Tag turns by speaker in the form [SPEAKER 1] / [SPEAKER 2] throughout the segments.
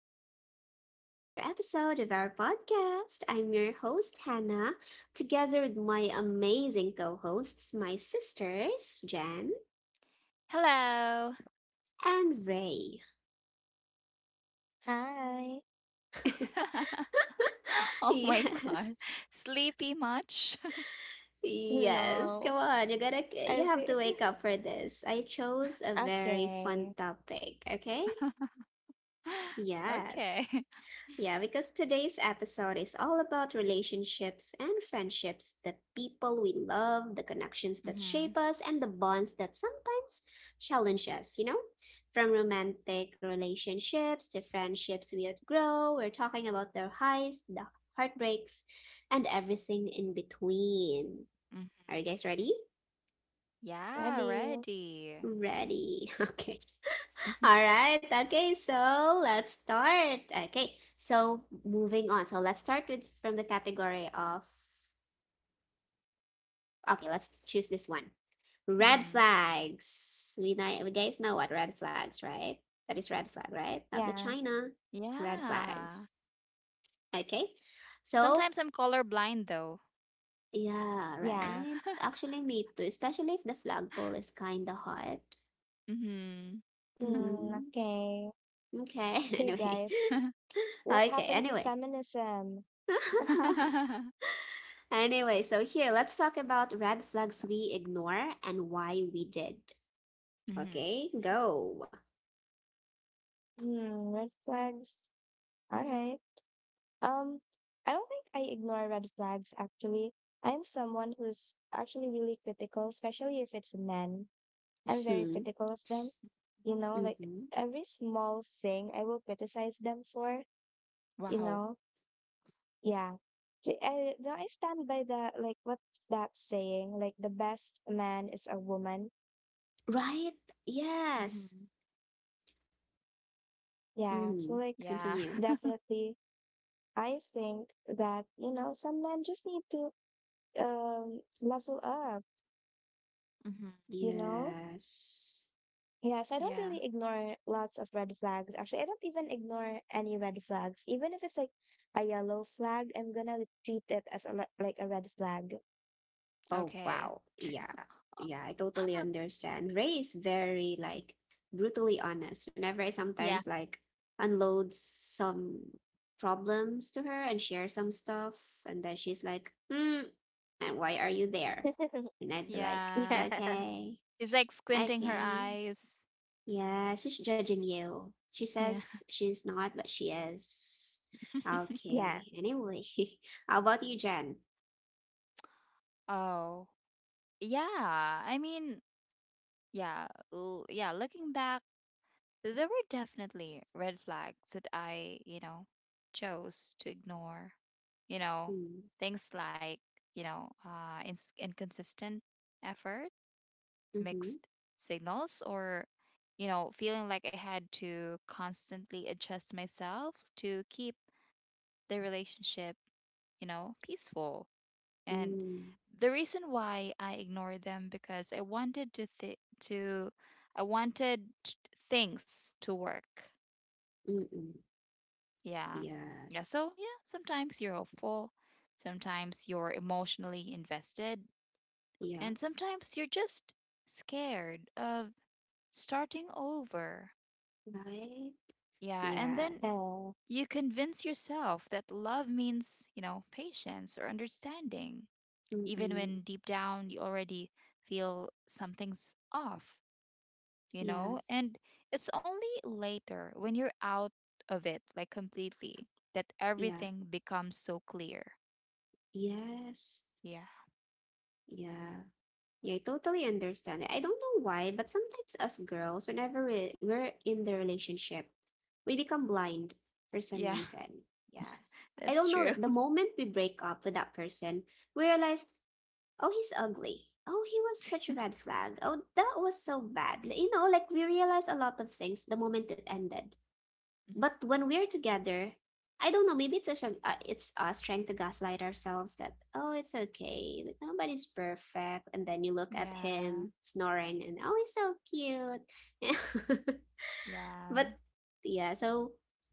[SPEAKER 1] Welcome back to another episode of our podcast. I'm your host, Hannah, together with my amazing co hosts, my sisters, Jen
[SPEAKER 2] Hello.
[SPEAKER 1] and Ray.
[SPEAKER 3] Hi.
[SPEAKER 2] Oh my
[SPEAKER 1] Yes.
[SPEAKER 2] god. Sleepy much?
[SPEAKER 1] Yes,
[SPEAKER 3] No.
[SPEAKER 1] come on. You gotta you
[SPEAKER 3] I
[SPEAKER 1] have to
[SPEAKER 3] see.
[SPEAKER 1] wake up for this. I chose a very fun
[SPEAKER 3] Okay.
[SPEAKER 1] topic, okay?
[SPEAKER 2] okay.
[SPEAKER 1] Yes. Yeah, because today's episode is all about relationships and friendships, the people we love, the connections that
[SPEAKER 2] Mm-hmm.
[SPEAKER 1] shape us, and the bonds that sometimes challenge us, you know? From romantic relationships to friendships we outgrow, we're talking about their highs, the heartbreaks, and everything in between.
[SPEAKER 2] hmm
[SPEAKER 1] Are you guys ready?
[SPEAKER 2] Yeah,
[SPEAKER 3] Ready?
[SPEAKER 2] ready.
[SPEAKER 1] Ready. Okay. All right. Okay. So let's start. Okay. So moving on. So let's start with from the category of. Okay. Let's choose this one. Red
[SPEAKER 2] hmm
[SPEAKER 1] flags. We guys know what red flags, right? That is red flag, right? Not the
[SPEAKER 3] Yeah.
[SPEAKER 1] China. Red
[SPEAKER 2] Yeah.
[SPEAKER 1] flags. Okay. So
[SPEAKER 2] Sometimes I'm colorblind though.
[SPEAKER 1] yeah,
[SPEAKER 3] Yeah.
[SPEAKER 1] right. Actually, me too. Especially if the flagpole is kind of hot.
[SPEAKER 2] mm-hmm.
[SPEAKER 3] Mm,
[SPEAKER 1] Mm-hmm.
[SPEAKER 3] okay.
[SPEAKER 1] Okay.
[SPEAKER 3] Okay,
[SPEAKER 1] Anyway.
[SPEAKER 3] guys. What
[SPEAKER 1] Okay.
[SPEAKER 3] happened to
[SPEAKER 1] Anyway.
[SPEAKER 3] feminism?
[SPEAKER 1] Anyway, so here, let's talk about red flags we ignore and why we did.
[SPEAKER 2] mm-hmm.
[SPEAKER 1] Okay, go.
[SPEAKER 3] Red flags. All right. Um, I don't think I ignore red flags actually. I'm someone who's actually really critical, especially if it's men. I'm very
[SPEAKER 1] Hmm.
[SPEAKER 3] critical of them. You know, like
[SPEAKER 1] Hmm.
[SPEAKER 3] every small thing I will criticize them for, you
[SPEAKER 2] Wow.
[SPEAKER 3] know. Yeah. I, no, I stand by the like what's that saying? Like the best man is a woman.
[SPEAKER 1] Right? Yes.
[SPEAKER 2] Mm-hmm.
[SPEAKER 3] Yeah.
[SPEAKER 1] Hmm.
[SPEAKER 3] So like
[SPEAKER 2] Yeah.
[SPEAKER 1] Continue.
[SPEAKER 3] definitely I think that, you know, some men just need to level up,
[SPEAKER 2] mm-hmm.
[SPEAKER 3] you know?
[SPEAKER 1] Yes.
[SPEAKER 3] Yes, I don't
[SPEAKER 2] Yeah.
[SPEAKER 3] really ignore lots of red flags. Actually, I don't even ignore any red flags. Even if it's like a yellow flag, I'm gonna treat it as like a red flag.
[SPEAKER 1] Oh,
[SPEAKER 2] Okay.
[SPEAKER 1] wow. Yeah. Yeah, I totally understand. Ray is very, like, brutally honest. Whenever I
[SPEAKER 2] Yeah.
[SPEAKER 1] sometimes, like, unload some problems to her and share some stuff, and then she's like, and why are you there? And I'd be like,
[SPEAKER 2] Yeah.
[SPEAKER 3] Yeah.
[SPEAKER 1] okay,
[SPEAKER 2] She's like squinting her
[SPEAKER 1] okay.
[SPEAKER 2] eyes.
[SPEAKER 1] Yeah, she's judging you. She
[SPEAKER 2] Yeah.
[SPEAKER 1] says she's not, but she is.
[SPEAKER 3] Yeah.
[SPEAKER 1] Okay. Anyway, how about you, Jen?
[SPEAKER 2] oh. Yeah, I mean, yeah, l- yeah, looking back, there were definitely red flags that I, you know, chose to ignore. You know,
[SPEAKER 1] Mm.
[SPEAKER 2] things like, you know, ins inconsistent effort,
[SPEAKER 1] Mm-hmm.
[SPEAKER 2] mixed signals, or, you know, feeling like I had to constantly adjust myself to keep the relationship, you know, peaceful. And
[SPEAKER 1] Mm.
[SPEAKER 2] the reason why I ignored them because I wanted things to work.
[SPEAKER 1] Mm-mm.
[SPEAKER 2] Yeah. Yeah, so
[SPEAKER 1] Yes.
[SPEAKER 2] yeah, sometimes you're hopeful, sometimes you're emotionally invested,
[SPEAKER 1] Yeah.
[SPEAKER 2] and sometimes you're just scared of starting over.
[SPEAKER 1] Right?
[SPEAKER 2] Yeah, and then
[SPEAKER 1] Yes.
[SPEAKER 3] Uh,
[SPEAKER 2] you convince yourself that love means, you know, patience or understanding. Even
[SPEAKER 1] Mm-mm.
[SPEAKER 2] when deep down you already feel something's off, you know?
[SPEAKER 1] Yes.
[SPEAKER 2] And it's only later when you're out of it, like completely, that
[SPEAKER 1] Yeah.
[SPEAKER 2] everything becomes so clear.
[SPEAKER 1] Yes.
[SPEAKER 2] Yeah.
[SPEAKER 1] Yeah. Yeah, I totally understand it. I don't know why, but sometimes us girls, whenever we're in the relationship, we become blind for some
[SPEAKER 2] Yeah.
[SPEAKER 1] reason. Yes. I
[SPEAKER 2] That's
[SPEAKER 1] don't know
[SPEAKER 2] true.
[SPEAKER 1] that the moment we break up with that person, we realize, oh, he's ugly. Oh, he was such a red flag. Oh, that was so bad. Like, like we realize a lot of things the moment it ended.
[SPEAKER 2] Mhm.
[SPEAKER 1] But when we're together, I don't know, maybe it's us trying to gaslight ourselves that, oh, it's okay, but nobody's perfect. And then you look at
[SPEAKER 2] Yeah.
[SPEAKER 1] him snoring and, oh, he's so cute. But
[SPEAKER 2] Yeah.
[SPEAKER 1] yeah, so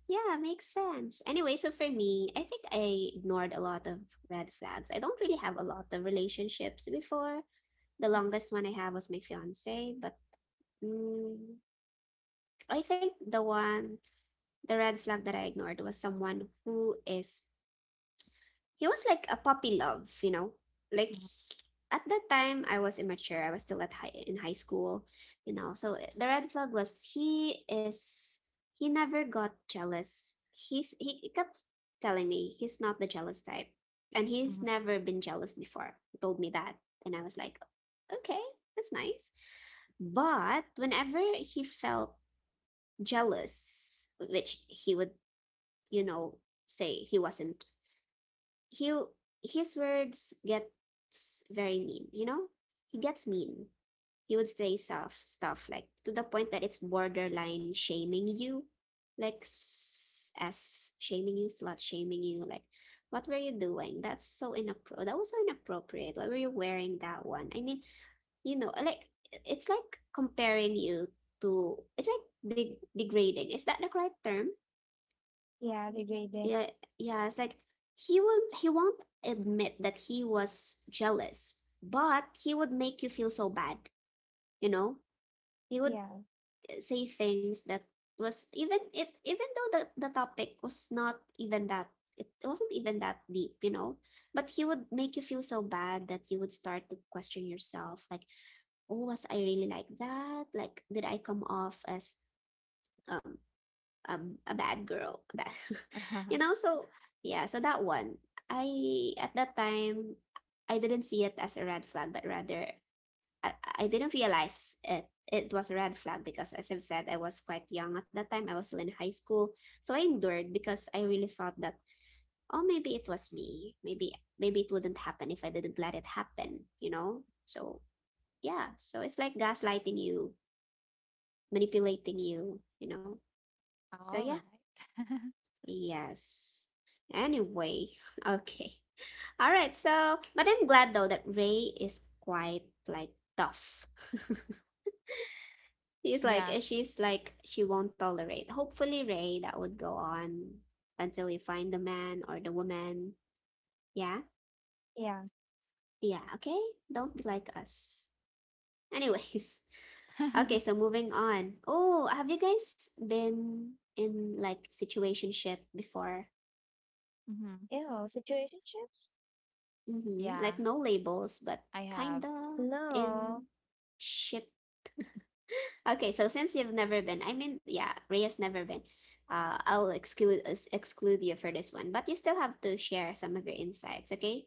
[SPEAKER 1] yeah, makes sense. Anyway, so for me, I think I ignored a lot of red flags. I don't really have a lot of relationships before. The
[SPEAKER 2] Mhm,
[SPEAKER 1] longest one I have was my fiance, but mm, I think the red flag that I ignored was someone who is he was like a puppy love. Like at that time I was immature. I was still at high in high school. So the red flag was he never got jealous. He kept telling me he's not the jealous type. And
[SPEAKER 2] mhm,
[SPEAKER 1] he's
[SPEAKER 2] mhm.
[SPEAKER 1] never been jealous before. He told me that. And I was like, okay, that's nice. But whenever he felt jealous, which he would you know say he wasn't he his words gets very mean. He gets mean. He would say stuff like, to the point that it's borderline shaming you, like, as shaming you slut shaming you, like, what were you doing that's so inappropriate. Why were you wearing that one? I mean, like, it's like comparing you to it's like degrading, is that the correct term?
[SPEAKER 3] yeah, degrading.
[SPEAKER 1] Yeah, yeah, it's like he won't admit that he was jealous, but he would make you feel so bad, you know? He would
[SPEAKER 3] Yeah.
[SPEAKER 1] say things that was even it even though the topic was not even that, deep, you know? But he would make you feel so bad that you would start to question yourself, like, oh, was I really like that? Like, did I come off as um a bad girl that so yeah, so that one, I at that time I didn't see it as a red flag, but rather i, I didn't realize it was a red flag, because as I've said, I was quite young. At that time I was still in high school, so I endured because I really thought that, oh, maybe it was me. Maybe it wouldn't happen if I didn't let it happen, so yeah, so it's like gaslighting you, manipulating you you know So
[SPEAKER 2] All
[SPEAKER 1] yeah.
[SPEAKER 2] right.
[SPEAKER 1] Yes. Anyway, okay. All right, so but I'm glad though that Ray is quite like tough.
[SPEAKER 2] Yeah.
[SPEAKER 1] He's like she's like she won't tolerate. Hopefully, Ray, that would go on until you find the man or the woman. Yeah?
[SPEAKER 3] Yeah.
[SPEAKER 1] Yeah, okay. Don't be like us. Anyways, okay, so moving on. Oh, have you guys been in like situationship before?
[SPEAKER 2] hmm
[SPEAKER 3] Ew, situationships?
[SPEAKER 1] Mm-hmm. Like
[SPEAKER 2] Yeah,
[SPEAKER 1] no labels,
[SPEAKER 2] I
[SPEAKER 1] but
[SPEAKER 2] have.
[SPEAKER 1] kinda in
[SPEAKER 3] No.
[SPEAKER 1] ship. Okay, so since you've never been, I mean, yeah, Rhea's never been. I'll exclude you for this one, but you still have to share some of your insights, okay?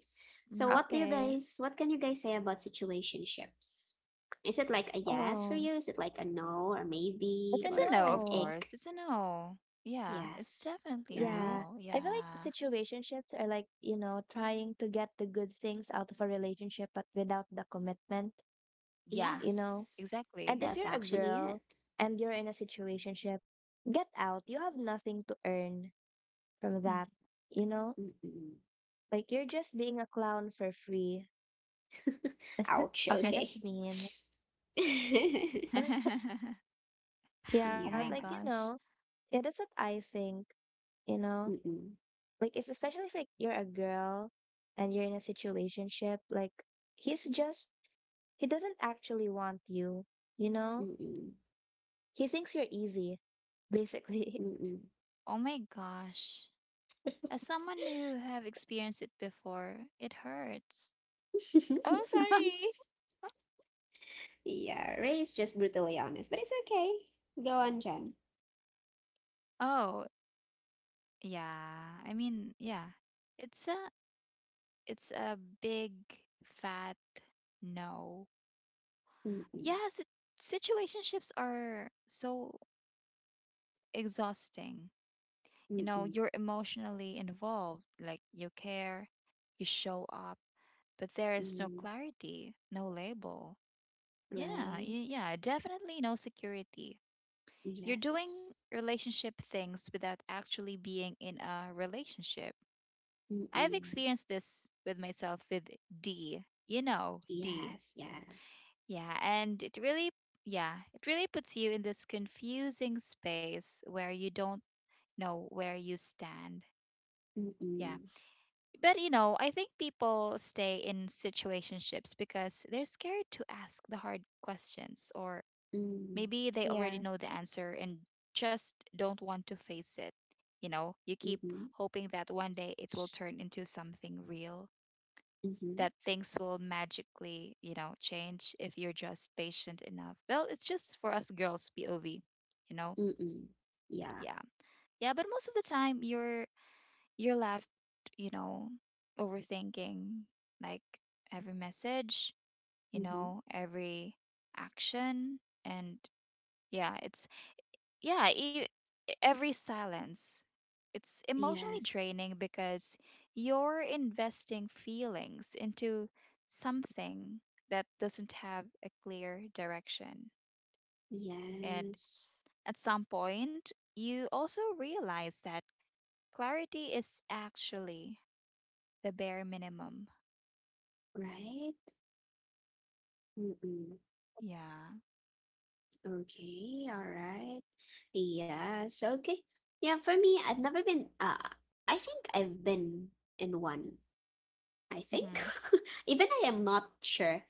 [SPEAKER 1] So
[SPEAKER 2] Mm.
[SPEAKER 1] what do you
[SPEAKER 3] Okay.
[SPEAKER 1] guys, what can you guys say about situationships? Is it like a yes for
[SPEAKER 3] Oh,
[SPEAKER 1] you? Is it like a no or
[SPEAKER 3] it's
[SPEAKER 1] maybe
[SPEAKER 3] a
[SPEAKER 2] It's a
[SPEAKER 1] or
[SPEAKER 2] no,
[SPEAKER 1] an
[SPEAKER 2] of
[SPEAKER 3] no.
[SPEAKER 1] ick?
[SPEAKER 2] course. It's a no. Yeah, it's
[SPEAKER 1] Yes,
[SPEAKER 2] definitely a
[SPEAKER 1] right?
[SPEAKER 3] Yeah.
[SPEAKER 2] no.
[SPEAKER 3] I feel like
[SPEAKER 2] Yeah.
[SPEAKER 3] situationships are like, you know, trying to get the good things out of a relationship, but without the commitment,
[SPEAKER 2] Yeah,
[SPEAKER 3] you know?
[SPEAKER 1] Yes,
[SPEAKER 3] And
[SPEAKER 2] exactly.
[SPEAKER 3] if
[SPEAKER 1] that's
[SPEAKER 3] you're a
[SPEAKER 1] actually it.
[SPEAKER 3] girl and you're in a situationship, get out. You have nothing to earn from
[SPEAKER 2] Mhm.
[SPEAKER 3] that, you know?
[SPEAKER 1] Mm-mm.
[SPEAKER 3] Like you're just being a clown for free.
[SPEAKER 1] Ouch.
[SPEAKER 3] Okay, that's
[SPEAKER 1] Okay.
[SPEAKER 3] mean. Yeah, but
[SPEAKER 2] oh my
[SPEAKER 3] like,
[SPEAKER 1] Yeah.
[SPEAKER 3] you know,
[SPEAKER 2] gosh.
[SPEAKER 3] yeah, that's what I think, you know?
[SPEAKER 1] Mm-mm.
[SPEAKER 3] Like if especially if like you're a girl and you're in a situationship, like he's just, he doesn't actually want you, you know?
[SPEAKER 1] Mm-mm.
[SPEAKER 3] He thinks you're easy, basically.
[SPEAKER 1] Mm-mm.
[SPEAKER 2] Oh my gosh. As someone who have experienced it before, it hurts.
[SPEAKER 3] Oh, sorry.
[SPEAKER 1] Yeah. Ray is just brutally honest, but it's okay. Go on, Jen.
[SPEAKER 2] Oh, yeah. I mean, yeah. It's a it's a big fat no.
[SPEAKER 1] Mm-mm.
[SPEAKER 2] Yes, it, situationships are so exhausting. You know,
[SPEAKER 1] Mm-mm.
[SPEAKER 2] you're emotionally involved, like you care, you show up, but there is no
[SPEAKER 1] Mm.
[SPEAKER 2] clarity, no label. Yeah, y-
[SPEAKER 1] Right.
[SPEAKER 2] yeah, definitely no security. You're doing
[SPEAKER 1] Yes.
[SPEAKER 2] relationship things without actually being in a relationship. I've
[SPEAKER 1] Mm-mm.
[SPEAKER 2] experienced this with myself with D. You know, D.
[SPEAKER 1] Yes. Yeah.
[SPEAKER 2] Yeah, and it really puts you in this confusing space where you don't know where you stand. Yeah.
[SPEAKER 1] Mm-mm.
[SPEAKER 2] But you know, I think people stay in situationships because they're scared to ask the hard questions, or
[SPEAKER 1] Mm.
[SPEAKER 2] maybe they already
[SPEAKER 3] Yeah.
[SPEAKER 2] know the answer and just don't want to face it. You know, you keep
[SPEAKER 1] Mm-hmm.
[SPEAKER 2] hoping that one day it will turn into something real,
[SPEAKER 1] Mm-hmm.
[SPEAKER 2] that things will magically, you know, change if you're just patient enough. Well, it's just for us girls, POV, you know?
[SPEAKER 1] Mm-mm. Yeah.
[SPEAKER 2] Yeah. Yeah, but most of the time, you're left, you know, overthinking like every message, you
[SPEAKER 1] Mm-hmm.
[SPEAKER 2] know, every action. And yeah, yeah, e- every silence. It's emotionally
[SPEAKER 1] Yes.
[SPEAKER 2] draining because you're investing feelings into something that doesn't have a clear direction. And
[SPEAKER 1] Yes.
[SPEAKER 2] at some point, you also realize that clarity is actually the bare minimum.
[SPEAKER 1] Right. Mm-mm.
[SPEAKER 2] Yeah.
[SPEAKER 1] Okay, all right. Yes, okay. Yeah, for me, I've never been I think I've been in one. I think.
[SPEAKER 2] Mm-hmm.
[SPEAKER 1] Even I am not sure.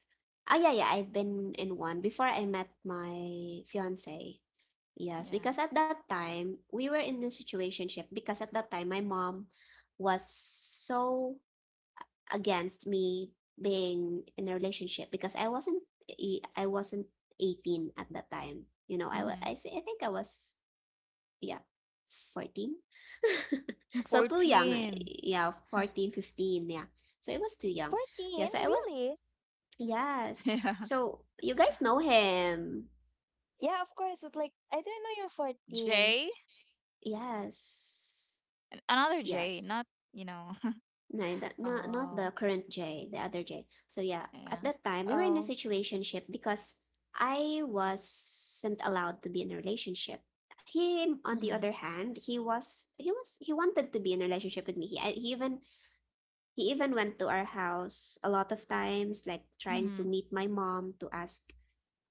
[SPEAKER 1] Oh yeah, yeah, I've been in one before I met my fiance. Yes,
[SPEAKER 2] Yeah.
[SPEAKER 1] because at that time we were in a situationship because at that time my mom was so against me being in a relationship because I wasn't 18 at that time. You know, I wa-
[SPEAKER 2] Mm-hmm.
[SPEAKER 1] I, I think I was yeah, 14. So too young.
[SPEAKER 2] 14.
[SPEAKER 1] Yeah, 14, 15. Yeah. So it was too young. Yeah,
[SPEAKER 3] 14?
[SPEAKER 1] so I was
[SPEAKER 3] Really?
[SPEAKER 1] yes.
[SPEAKER 2] Yeah.
[SPEAKER 1] So you guys know him.
[SPEAKER 3] Yeah, of course. But like I didn't know you're 14.
[SPEAKER 2] J?
[SPEAKER 1] Yes.
[SPEAKER 2] An- Another J,
[SPEAKER 1] Yes.
[SPEAKER 2] not, you know.
[SPEAKER 1] No, that, not the
[SPEAKER 2] oh,
[SPEAKER 1] current Jay, the other Jay. So yeah, at
[SPEAKER 2] yeah.
[SPEAKER 1] that time we were in a
[SPEAKER 3] Oh,
[SPEAKER 1] situationship because I wasn't allowed to be in a relationship. Him, on the other
[SPEAKER 2] Mm-hmm.
[SPEAKER 1] hand, he wanted to be in a relationship with me. He even went to our house a lot of times, like trying to
[SPEAKER 2] Mm-hmm.
[SPEAKER 1] meet my mom to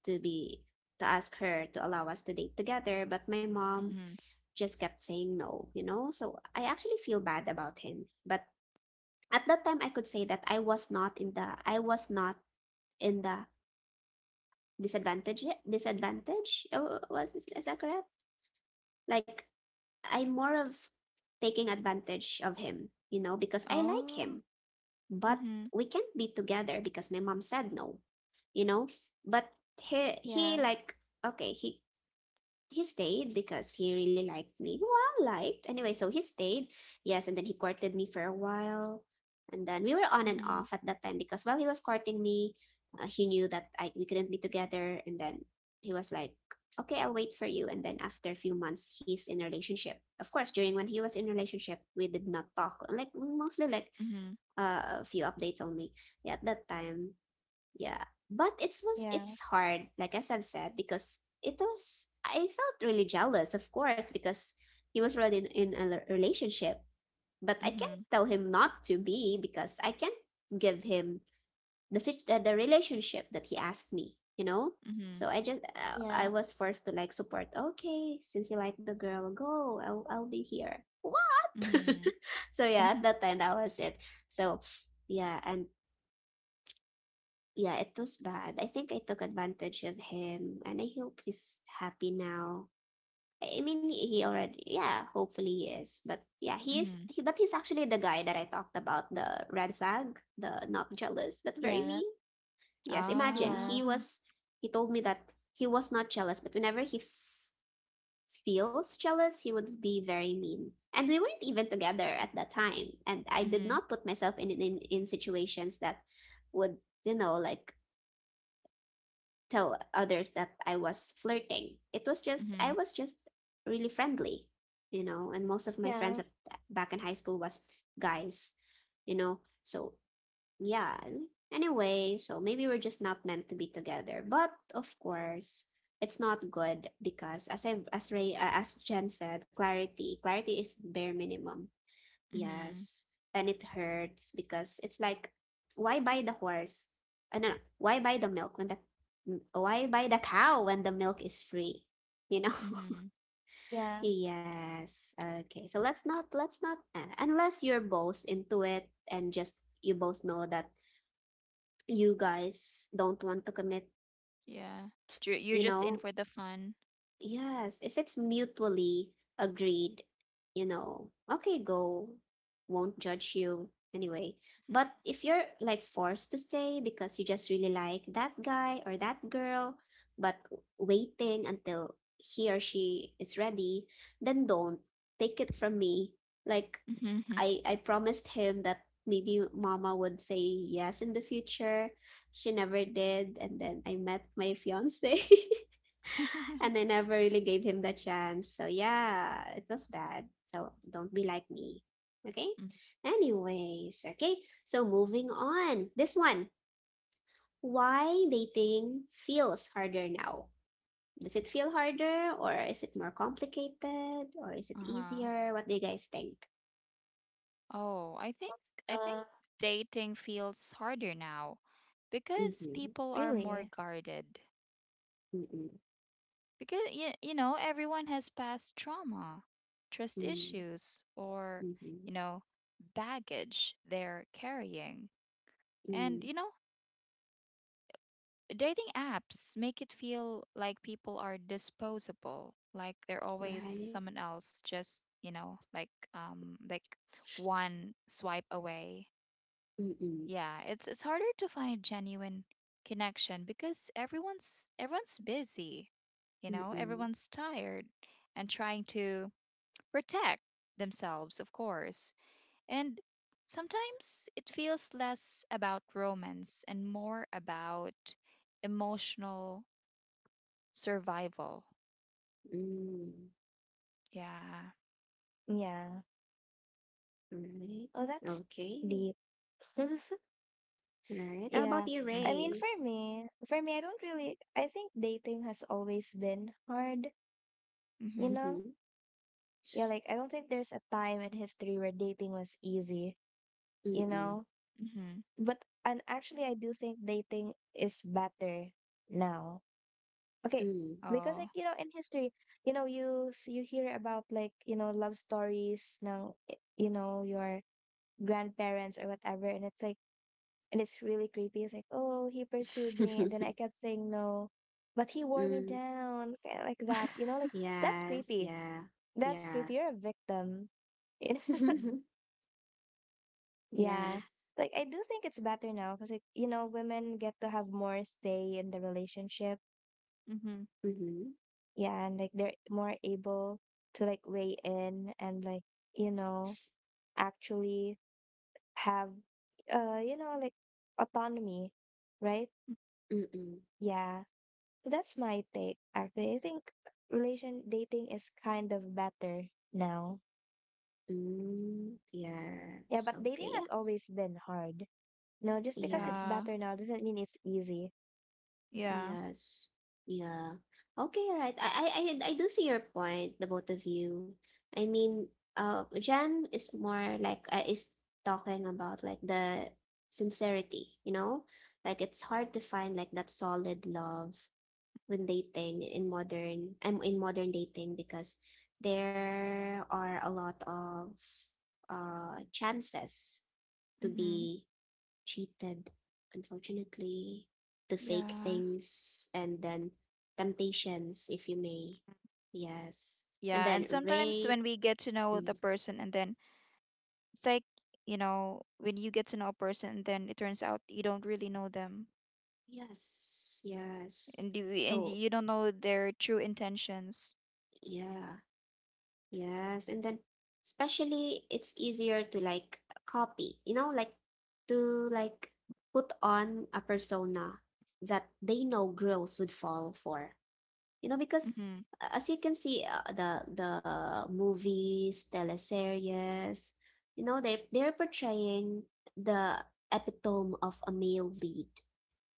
[SPEAKER 1] to be ask her to allow us to date together. But my mom
[SPEAKER 2] Mm-hmm.
[SPEAKER 1] just kept saying no, you know? So I actually feel bad about him. But at that time I could say that I was not in the disadvantage, is that correct? Like, I'm more of taking advantage of him, you know, because I like
[SPEAKER 2] Oh.
[SPEAKER 1] him, but
[SPEAKER 2] Mm-hmm.
[SPEAKER 1] we can't be together because my mom said no, you know. But he he
[SPEAKER 3] yeah.
[SPEAKER 1] like okay he he stayed because he really liked me. Well, liked. Anyway, so he stayed. Yes, and then he courted me for a while. And then we were on and
[SPEAKER 2] Mm-hmm.
[SPEAKER 1] off at that time because while he was courting me, he knew that I we couldn't be together, and then he was like, "Okay, I'll wait for you." And then after a few months, he's in a relationship. Of course, during when he was in a relationship, we did not talk. Like mostly like
[SPEAKER 2] Mm-hmm.
[SPEAKER 1] a few updates only. Yeah, at that time, yeah. But it was
[SPEAKER 3] Yeah.
[SPEAKER 1] it's hard, like as I've said, because it was I felt really jealous, of course, because he was already in a relationship. But I can't
[SPEAKER 2] Mm-hmm.
[SPEAKER 1] tell him not to be because I can't give him the relationship that he asked me, you know? So
[SPEAKER 2] Mm-hmm.
[SPEAKER 1] I
[SPEAKER 3] Yeah.
[SPEAKER 1] was forced to like support. Okay, since you like the girl, go. I'll be here. What?
[SPEAKER 2] Mm-hmm.
[SPEAKER 1] So yeah, at
[SPEAKER 2] Mm-hmm.
[SPEAKER 1] that time that was it. So yeah, and yeah, it was bad. I think I took advantage of him, and I hope he's happy now. I mean, he already, yeah, hopefully he is. But yeah,
[SPEAKER 2] Mm-hmm.
[SPEAKER 1] but he's actually the guy that I talked about, the red flag, the not jealous, but very
[SPEAKER 3] Yeah.
[SPEAKER 1] mean. Yes, imagine
[SPEAKER 3] Yeah.
[SPEAKER 2] Ah.
[SPEAKER 1] he told me that he was not jealous, but whenever he feels jealous, he would be very mean. And we weren't even together at that time. And I did not
[SPEAKER 2] Mm-hmm.
[SPEAKER 1] put myself in situations that would, like, tell others that I was flirting. It was just I
[SPEAKER 2] Mm-hmm.
[SPEAKER 1] was just really friendly, and most of my friends
[SPEAKER 3] Yeah.
[SPEAKER 1] at back in high school was guys. So yeah. Anyway, so maybe we're just not meant to be together. But of course, it's not good because as I as Ray as Jen said, clarity is bare minimum.
[SPEAKER 2] Mm-hmm.
[SPEAKER 1] Yes. And it hurts because it's like, why buy the horse? No, no. Why buy the milk when the m- why buy the cow when the milk is free? You know?
[SPEAKER 2] Mm-hmm.
[SPEAKER 3] Yeah.
[SPEAKER 1] Yes. Okay. So let's not unless you're both into it and just you both know that you guys don't want to commit,
[SPEAKER 2] Yeah. Ju- You're
[SPEAKER 1] you
[SPEAKER 2] just in
[SPEAKER 1] know,
[SPEAKER 2] for the fun.
[SPEAKER 1] Yes, if it's mutually agreed, okay, go, won't judge you anyway.
[SPEAKER 2] Mm-hmm.
[SPEAKER 1] But if you're like forced to stay because you just really like that guy or that girl, but waiting until he or she is ready, then don't take it from me. Like,
[SPEAKER 2] Mm-hmm.
[SPEAKER 1] I promised him that maybe mama would say yes in the future. She never did, and then I met my fiance. And I never really gave him the chance. So yeah, it was bad. So don't be like me. Okay?
[SPEAKER 2] Mhm.
[SPEAKER 1] Anyways, okay. So moving on. This one. Why dating feels harder now? Does it feel harder, or is it more complicated, or is it
[SPEAKER 2] Uh-huh.
[SPEAKER 1] easier? What do you guys think?
[SPEAKER 2] Oh, I think I
[SPEAKER 3] Uh,
[SPEAKER 2] think dating feels harder now because
[SPEAKER 1] Mm-hmm.
[SPEAKER 2] people are more
[SPEAKER 3] really?
[SPEAKER 2] guarded.
[SPEAKER 1] Mm-mm.
[SPEAKER 2] Because you know, everyone has past trauma, trust
[SPEAKER 1] Mm.
[SPEAKER 2] issues, or,
[SPEAKER 1] Mm-hmm.
[SPEAKER 2] you know, baggage they're carrying. And,
[SPEAKER 1] Mm.
[SPEAKER 2] you know, dating apps make it feel like people are disposable, like they're always
[SPEAKER 1] Right.
[SPEAKER 2] someone else just, you know, like one swipe away.
[SPEAKER 1] Mm-mm.
[SPEAKER 2] Yeah, it's harder to find genuine connection because everyone's busy, you know,
[SPEAKER 1] Mm-mm.
[SPEAKER 2] everyone's tired and trying to protect themselves, of course. And sometimes it feels less about romance and more about emotional survival.
[SPEAKER 1] Mm.
[SPEAKER 2] Yeah.
[SPEAKER 3] Yeah.
[SPEAKER 1] Right.
[SPEAKER 3] Oh, that's
[SPEAKER 1] Okay.
[SPEAKER 3] deep.
[SPEAKER 1] Right. How
[SPEAKER 3] Yeah.
[SPEAKER 1] about you,
[SPEAKER 3] I mean, for
[SPEAKER 1] Ray?
[SPEAKER 3] me, for me, I don't really, I think dating has always been hard, you
[SPEAKER 2] Mm-hmm.
[SPEAKER 3] know?
[SPEAKER 1] Mhm.
[SPEAKER 3] Yeah, like I don't think there's a time in history where dating was easy, you
[SPEAKER 1] Mm-mm.
[SPEAKER 3] know?
[SPEAKER 2] Mm-hmm.
[SPEAKER 3] But, and actually, I do think dating is better now. Okay,
[SPEAKER 1] Mm.
[SPEAKER 3] because
[SPEAKER 2] Oh.
[SPEAKER 3] like, you know, in history, you know, you hear about like, you know, love stories ng, you know, your grandparents or whatever, and it's like and it's really creepy. It's like, oh, he pursued me, and then I kept saying no, but he wore me
[SPEAKER 1] Mm.
[SPEAKER 3] down, kinda like that. You know, like that's
[SPEAKER 1] Yes,
[SPEAKER 3] creepy.
[SPEAKER 1] yeah.
[SPEAKER 3] That's
[SPEAKER 1] Yeah.
[SPEAKER 3] creepy. You're a victim. You know? Yeah.
[SPEAKER 1] Yes.
[SPEAKER 3] Like I do think it's better now because like you know women get to have more say in the relationship.
[SPEAKER 2] Mm-hmm.
[SPEAKER 1] Mm-hmm.
[SPEAKER 3] Yeah, and like they're more able to like weigh in and like you know actually have you know like autonomy, right?
[SPEAKER 1] Mm-mm.
[SPEAKER 3] Yeah. So, that's my take, actually. I think relation dating is kind of better now.
[SPEAKER 1] Mm.
[SPEAKER 3] Yeah,
[SPEAKER 1] Yes.
[SPEAKER 3] but dating
[SPEAKER 1] Okay,
[SPEAKER 3] has
[SPEAKER 1] yeah.
[SPEAKER 3] always been hard. No, just because it's
[SPEAKER 2] Yeah.
[SPEAKER 1] Yes.
[SPEAKER 3] better now doesn't mean it's easy.
[SPEAKER 2] Yeah.
[SPEAKER 1] Yes. Yeah. Okay, right. I do see your point, the both of you. I mean, Jan is more like, is talking about like the sincerity, you know? Like, it's hard to find like that solid love when dating in modern I'm in modern dating, because there are a lot of chances to
[SPEAKER 2] Mm-hmm.
[SPEAKER 1] be cheated, unfortunately, to fake
[SPEAKER 2] Yeah.
[SPEAKER 1] things, and then temptations, if you may. Yes. And
[SPEAKER 2] Yeah,
[SPEAKER 1] then,
[SPEAKER 2] and sometimes
[SPEAKER 1] Ray,
[SPEAKER 2] when we get to know the person and then it's like, you know, when you get to know a person and then it turns out you don't really know them
[SPEAKER 1] yes, yes.
[SPEAKER 2] and
[SPEAKER 1] So
[SPEAKER 2] you don't know their true intentions.
[SPEAKER 1] yeah. Yes, and then especially it's easier to like copy, like to like put on a persona that they know girls would fall for. You know, because
[SPEAKER 2] Mm-hmm.
[SPEAKER 1] as you can see, the movies, teleseries, you know, they're portraying the epitome of a male lead,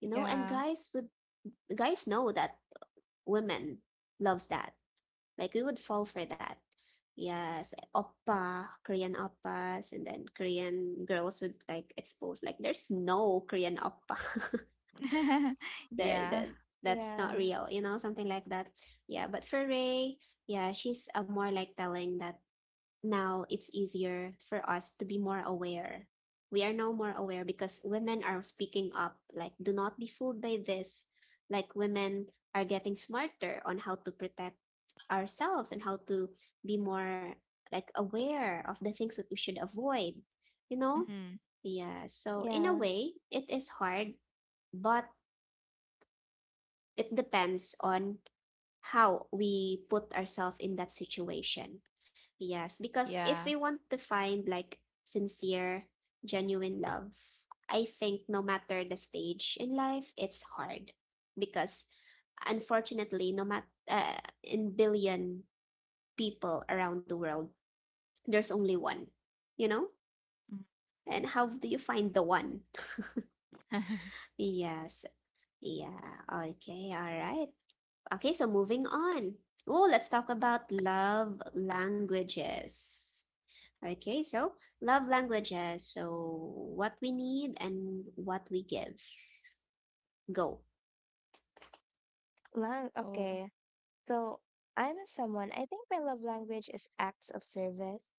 [SPEAKER 1] you know, and
[SPEAKER 2] Yeah.
[SPEAKER 1] guys know that women loves that, like we would fall for that. Yes, oppa, Korean oppas, and then Korean girls would like expose, like there's no Korean oppa. there
[SPEAKER 2] Yeah.
[SPEAKER 1] that That's not
[SPEAKER 3] Yeah,
[SPEAKER 1] real, you know, something like that. Yeah, but for Ray, yeah, she's more like telling that now it's easier for us to be more aware. We are now more aware because women are speaking up. Like, do not be fooled by this. Like, women are getting smarter on how to protect ourselves and how to be more like aware of the things that we should avoid you know
[SPEAKER 2] Mm-hmm.
[SPEAKER 1] yeah, so in a
[SPEAKER 3] yeah.
[SPEAKER 1] way it is hard, but it depends on how we put ourselves in that situation. Yes, because if
[SPEAKER 2] Yeah.
[SPEAKER 1] we want to find like sincere, genuine love, I think no matter the stage in life, it's hard, because unfortunately, no matter, in billion people around the world, there's only one, you know?
[SPEAKER 2] Mhm.
[SPEAKER 1] And how do you find the one? Yes. Yeah. Okay. All right. Okay. So moving on. Oh, let's talk about love languages. Okay. So love languages. So what we need and what we give. Go.
[SPEAKER 3] Lang
[SPEAKER 2] Oh.
[SPEAKER 3] okay. So I'm someone I think my love language is acts of service,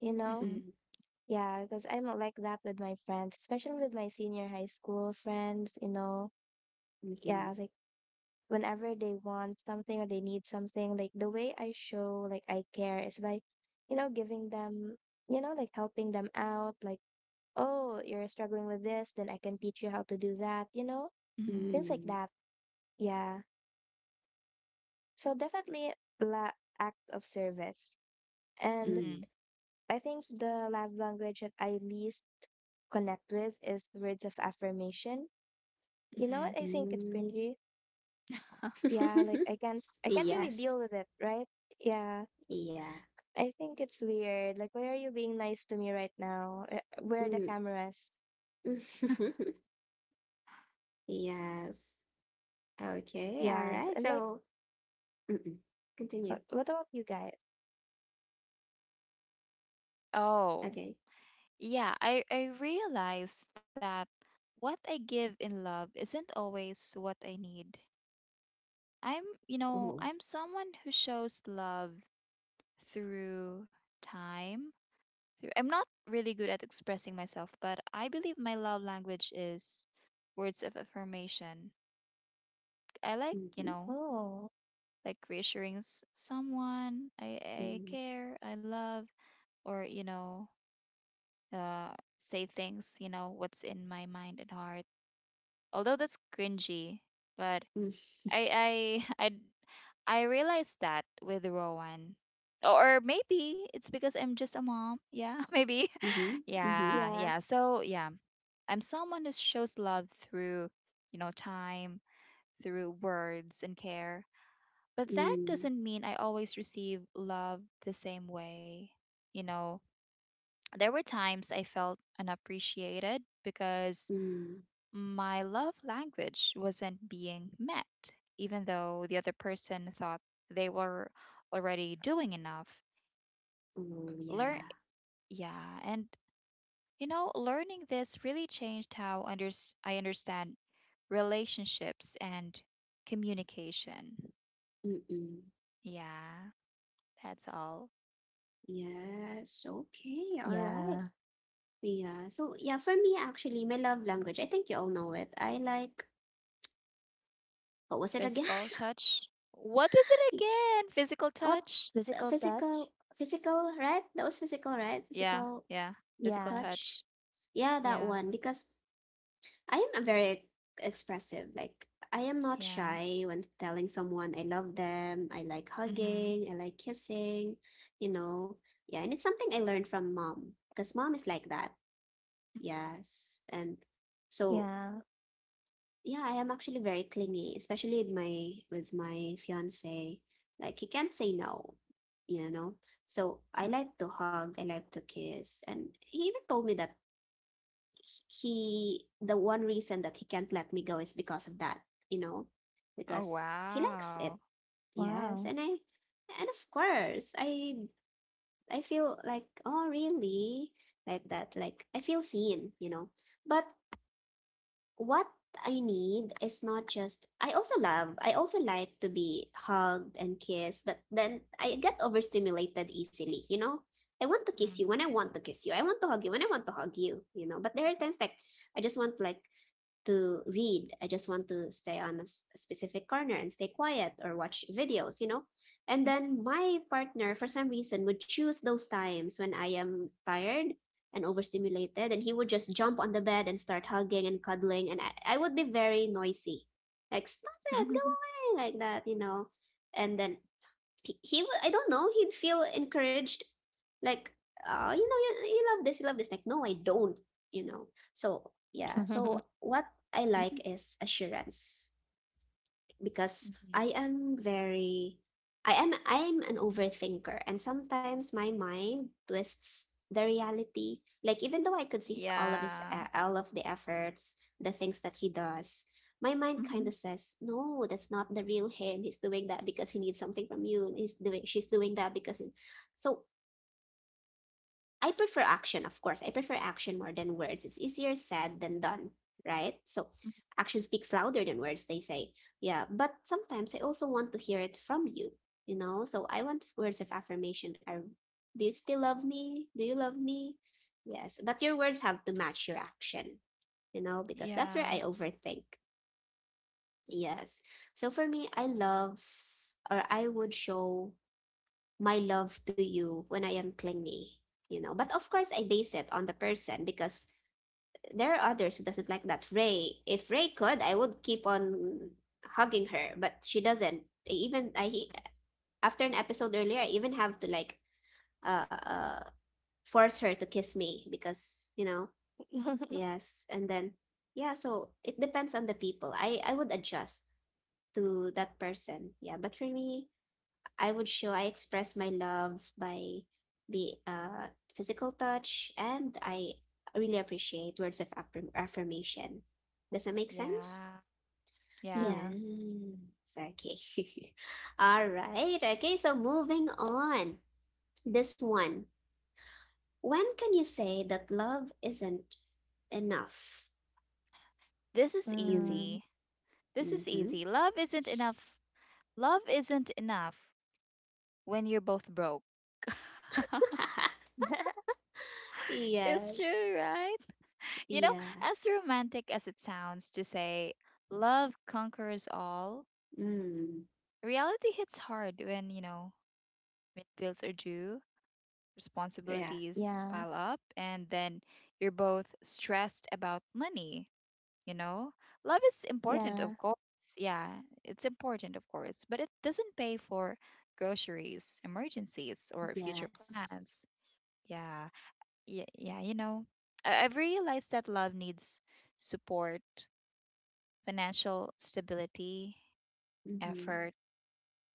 [SPEAKER 3] you know?
[SPEAKER 2] Mm-hmm.
[SPEAKER 3] Yeah, because I'm like that with my friends, especially with my senior high school friends, you know.
[SPEAKER 1] Mm,
[SPEAKER 3] Yeah,
[SPEAKER 1] mhm,
[SPEAKER 3] like whenever they want something or they need something like the way I show like I care is by you know giving them you know like helping them out like oh you're struggling with this then I can teach you how to do that you know
[SPEAKER 2] Mm-hmm.
[SPEAKER 3] things like
[SPEAKER 1] mm,
[SPEAKER 3] that yeah so definitely la- act of service and
[SPEAKER 1] mm,
[SPEAKER 2] Mm-hmm.
[SPEAKER 3] I think the love language that I least connect with is words of affirmation you know
[SPEAKER 2] Mm-hmm.
[SPEAKER 3] what I think it's
[SPEAKER 1] mm.
[SPEAKER 3] cringy yeah like i can't i can't really deal
[SPEAKER 1] Yes.
[SPEAKER 3] with it right yeah.
[SPEAKER 1] Yeah.
[SPEAKER 3] I think it's weird. Like, why are you being nice to me right now? Where are the
[SPEAKER 1] Mm.
[SPEAKER 3] cameras?
[SPEAKER 1] Yes. Okay, all
[SPEAKER 3] Yeah.
[SPEAKER 1] right.
[SPEAKER 3] And like,
[SPEAKER 1] So, mm-mm. Continue.
[SPEAKER 3] what about you guys?
[SPEAKER 2] Oh,
[SPEAKER 1] Okay.
[SPEAKER 2] yeah, I realized that what I give in love isn't always what I need. I'm, you know,
[SPEAKER 1] Oh.
[SPEAKER 2] I'm someone who shows love through time. Through I'm not really good at expressing myself, but I believe my love language is words of affirmation. I like, you
[SPEAKER 1] Mm-hmm.
[SPEAKER 2] know,
[SPEAKER 3] Oh,
[SPEAKER 2] like reassuring someone I
[SPEAKER 1] Mm-hmm.
[SPEAKER 2] care, I love, or, you know, uh, say things, you know, what's in my mind and heart. Although that's cringy, but I I realized that with Rowan. Or maybe it's because I'm just a mom. Yeah, maybe.
[SPEAKER 1] Mm-hmm. Mm-hmm.
[SPEAKER 2] yeah,
[SPEAKER 3] yeah.
[SPEAKER 2] yeah. So, yeah, I'm someone who shows love through, you know, time, through words and care. But that doesn't mean I always receive love the same way. You know, there were times I felt unappreciated because
[SPEAKER 1] Mm-hmm.
[SPEAKER 2] my love language wasn't being met, even though the other person thought they were already doing enough.
[SPEAKER 1] Oh,
[SPEAKER 2] Learn,
[SPEAKER 1] yeah.
[SPEAKER 2] yeah, and you know, learning this really changed how I understand relationships and communication.
[SPEAKER 1] Mm-mm.
[SPEAKER 2] Yeah, that's all.
[SPEAKER 1] Yes. Okay. All
[SPEAKER 3] Yeah.
[SPEAKER 1] right. Yeah. So, yeah, for me, actually, my love language, I think you all know it. I like, what was it again?
[SPEAKER 2] Physical touch. What was it
[SPEAKER 1] Y-
[SPEAKER 2] again? Physical
[SPEAKER 1] What?
[SPEAKER 2] touch?
[SPEAKER 3] Physical touch?
[SPEAKER 1] Physical, physical, right? That was physical, right?
[SPEAKER 2] Yeah,
[SPEAKER 1] Physical
[SPEAKER 2] yeah. Physical
[SPEAKER 3] Yeah.
[SPEAKER 1] touch.
[SPEAKER 2] touch.
[SPEAKER 1] Yeah, that
[SPEAKER 2] Yeah,
[SPEAKER 1] one. Because I am a very expressive. Like, I am not
[SPEAKER 2] yeah.
[SPEAKER 1] shy when telling someone I love them. I like
[SPEAKER 2] Mm-hmm.
[SPEAKER 1] hugging. I like kissing. You know, yeah, and it's something I learned from mom, because mom is like that. Yes, and so
[SPEAKER 3] Yeah.
[SPEAKER 1] yeah, I am actually very clingy, especially with my fiance. Like, he can't say no, you know. So I like to hug. I like to kiss, and he even told me that he the one reason that he can't let me go is because of that, you know
[SPEAKER 2] mm-hmm. Oh,
[SPEAKER 1] because he likes
[SPEAKER 2] wow.
[SPEAKER 1] it. Yes,
[SPEAKER 3] Wow.
[SPEAKER 1] and of course, I feel like, oh, really, like that, like I feel seen. But what I need is not just, I also like to be hugged and kissed. But then I get overstimulated easily. I want to kiss
[SPEAKER 2] Mhm,
[SPEAKER 1] you when I want to kiss you. I want to hug you when I want to hug you, you know but there are times like I just want, like, to read. I just want to stay on a specific corner and stay quiet, or watch videos, you know? And
[SPEAKER 2] mhm,
[SPEAKER 1] then my partner, for some reason, would choose those times when I am tired and overstimulated, and he would just jump on the bed and start hugging and cuddling. And I would be very noisy, like, stop it, go
[SPEAKER 2] mhm,
[SPEAKER 1] away, like that, you know? And then he would, I don't know he'd feel encouraged, like, you know, you love this, you love this. Like, no, I don't, you know so yeah. So what I
[SPEAKER 2] mhm,
[SPEAKER 1] like is assurance, because
[SPEAKER 2] mhm.
[SPEAKER 1] I am I'm an overthinker, and sometimes my mind twists the reality. Like, even though I could see
[SPEAKER 2] Yeah.
[SPEAKER 1] all of the efforts, the things that he does, my mind kind
[SPEAKER 2] Mhm,
[SPEAKER 1] of says, "No, that's not the real him. He's doing that because he needs something from you. He's doing She's doing that because he..." So I prefer action, of course. I prefer action more than words. It's easier said than done, right? So
[SPEAKER 2] mhm.
[SPEAKER 1] action speaks louder than words, they say. Yeah, but sometimes I also want to hear it from you, you know? So I want, words of affirmation are, do you still love me? Do you love me? Yes, but your words have to match your action, because that's where I
[SPEAKER 2] Yeah.
[SPEAKER 1] overthink. Yes. So for me, I would show my love to you when I am clingy. But of course, I base it on the person, because there are others who doesn't like that. Ray, if Ray could, I would keep on hugging her, but she doesn't. Even I, after an episode earlier, I even have to like, uh, uh force her to kiss me because, yes, and then yeah. So it depends on the people. I would adjust to that person. Yeah, but for me, I would show I express my love by, be physical touch, and I really appreciate words of affirmation. Does that make sense?
[SPEAKER 2] Yeah. Yeah.
[SPEAKER 3] yeah.
[SPEAKER 1] Yes. Okay. All right. Okay, so moving on. This one. When can you say that love isn't enough?
[SPEAKER 2] This is
[SPEAKER 1] Mm,
[SPEAKER 3] Mm.
[SPEAKER 2] easy. This is
[SPEAKER 1] mm-hmm.
[SPEAKER 2] easy. Love isn't enough. Love isn't enough when you're both broke. It's
[SPEAKER 1] Yes.
[SPEAKER 2] true, right? You know,
[SPEAKER 1] Yeah.
[SPEAKER 2] as romantic as it sounds to say love conquers all,
[SPEAKER 1] Mm,
[SPEAKER 2] reality hits hard when, you know, when bills are due,
[SPEAKER 1] yeah.
[SPEAKER 2] responsibilities
[SPEAKER 3] Yeah.
[SPEAKER 2] pile up, and then you're both stressed about money, you know? Love is important,
[SPEAKER 3] Yeah.
[SPEAKER 2] of course. Yeah, it's important, of course, but it doesn't pay for groceries, emergencies, or future
[SPEAKER 1] Yes.
[SPEAKER 2] plans. Yeah, yeah, you know. I've realized that love needs support, financial stability,
[SPEAKER 1] Mm-hmm.
[SPEAKER 2] effort,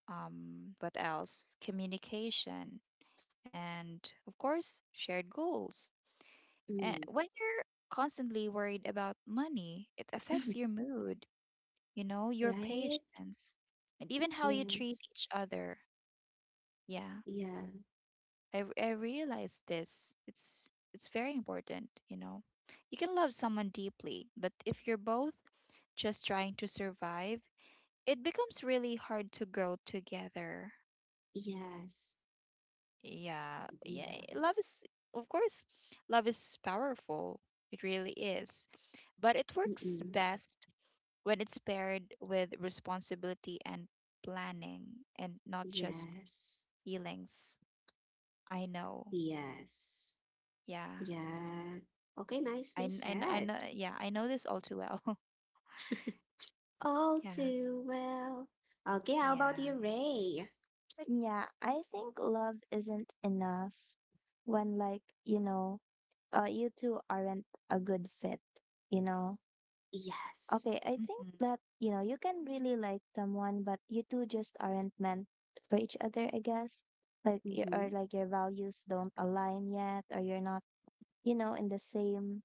[SPEAKER 2] what else? Communication, and of course, shared goals. And
[SPEAKER 1] Mm.
[SPEAKER 2] when you're constantly worried about money, it affects your mood, you know, your
[SPEAKER 1] Right?
[SPEAKER 2] patience, and even how you treat
[SPEAKER 1] Yes.
[SPEAKER 2] each other. Yeah,
[SPEAKER 1] Yeah.
[SPEAKER 2] I realize this. It's very important, you know. You can love someone deeply, but if you're both just trying to survive, it becomes really hard to grow together.
[SPEAKER 1] Yes.
[SPEAKER 2] Yeah,
[SPEAKER 1] Yeah.
[SPEAKER 2] yeah. Love is, of course, love is powerful. It really is, but it works
[SPEAKER 1] Mm-mm.
[SPEAKER 2] best when it's paired with responsibility and planning and not just
[SPEAKER 1] Yes.
[SPEAKER 2] feelings. I know.
[SPEAKER 1] Yes.
[SPEAKER 2] Yeah.
[SPEAKER 1] Yeah. Okay,
[SPEAKER 2] I,
[SPEAKER 1] nicely
[SPEAKER 2] kn- I, kn- I
[SPEAKER 1] said.
[SPEAKER 2] know. Yeah. I know this all too well.
[SPEAKER 1] All
[SPEAKER 2] yeah.
[SPEAKER 1] too well. Okay, how about you,
[SPEAKER 2] Yeah.
[SPEAKER 1] Ray?
[SPEAKER 3] Yeah. I think love isn't enough when, like, you know, you two aren't a good fit, you know? Okay,
[SPEAKER 1] Yes.
[SPEAKER 3] I think
[SPEAKER 2] hmm
[SPEAKER 3] that, you know, you can really like someone, but you two just aren't meant for each other, I guess. Like, or
[SPEAKER 1] Mm-hmm.
[SPEAKER 3] like your values don't align yet, or you're not, you know, in the same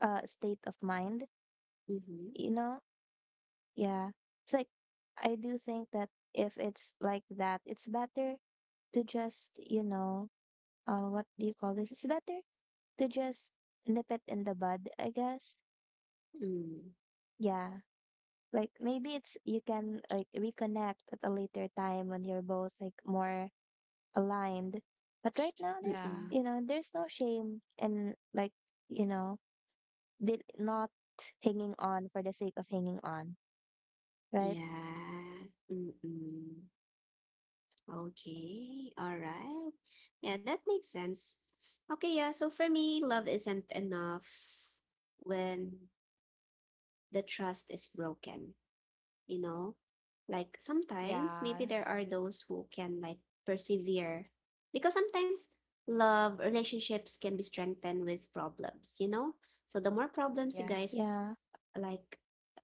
[SPEAKER 3] state of mind,
[SPEAKER 1] Mm-hmm.
[SPEAKER 3] you know? Yeah. It's like, I do think that if it's like that, it's better to just, you know, what do you call this? It's better to just nip it in the bud, I guess.
[SPEAKER 1] Mm.
[SPEAKER 3] Yeah. Like maybe it's you can like reconnect at a later time when you're both like more aligned, but right now there's
[SPEAKER 2] Yeah.
[SPEAKER 1] Mm-mm.
[SPEAKER 3] you know there's no shame in like you know did not hanging on for the sake of hanging on, right?
[SPEAKER 1] Yeah. Mm-mm. Okay, all right. Yeah, that makes sense. Okay, yeah, so for me, love isn't enough when the trust is broken, you know? Like,
[SPEAKER 2] Yeah.
[SPEAKER 1] sometimes maybe there are those who can like persevere, because sometimes love relationships can be strengthened with problems, you know? So the more
[SPEAKER 2] Yeah.
[SPEAKER 1] problems you guys
[SPEAKER 3] Yeah.
[SPEAKER 1] like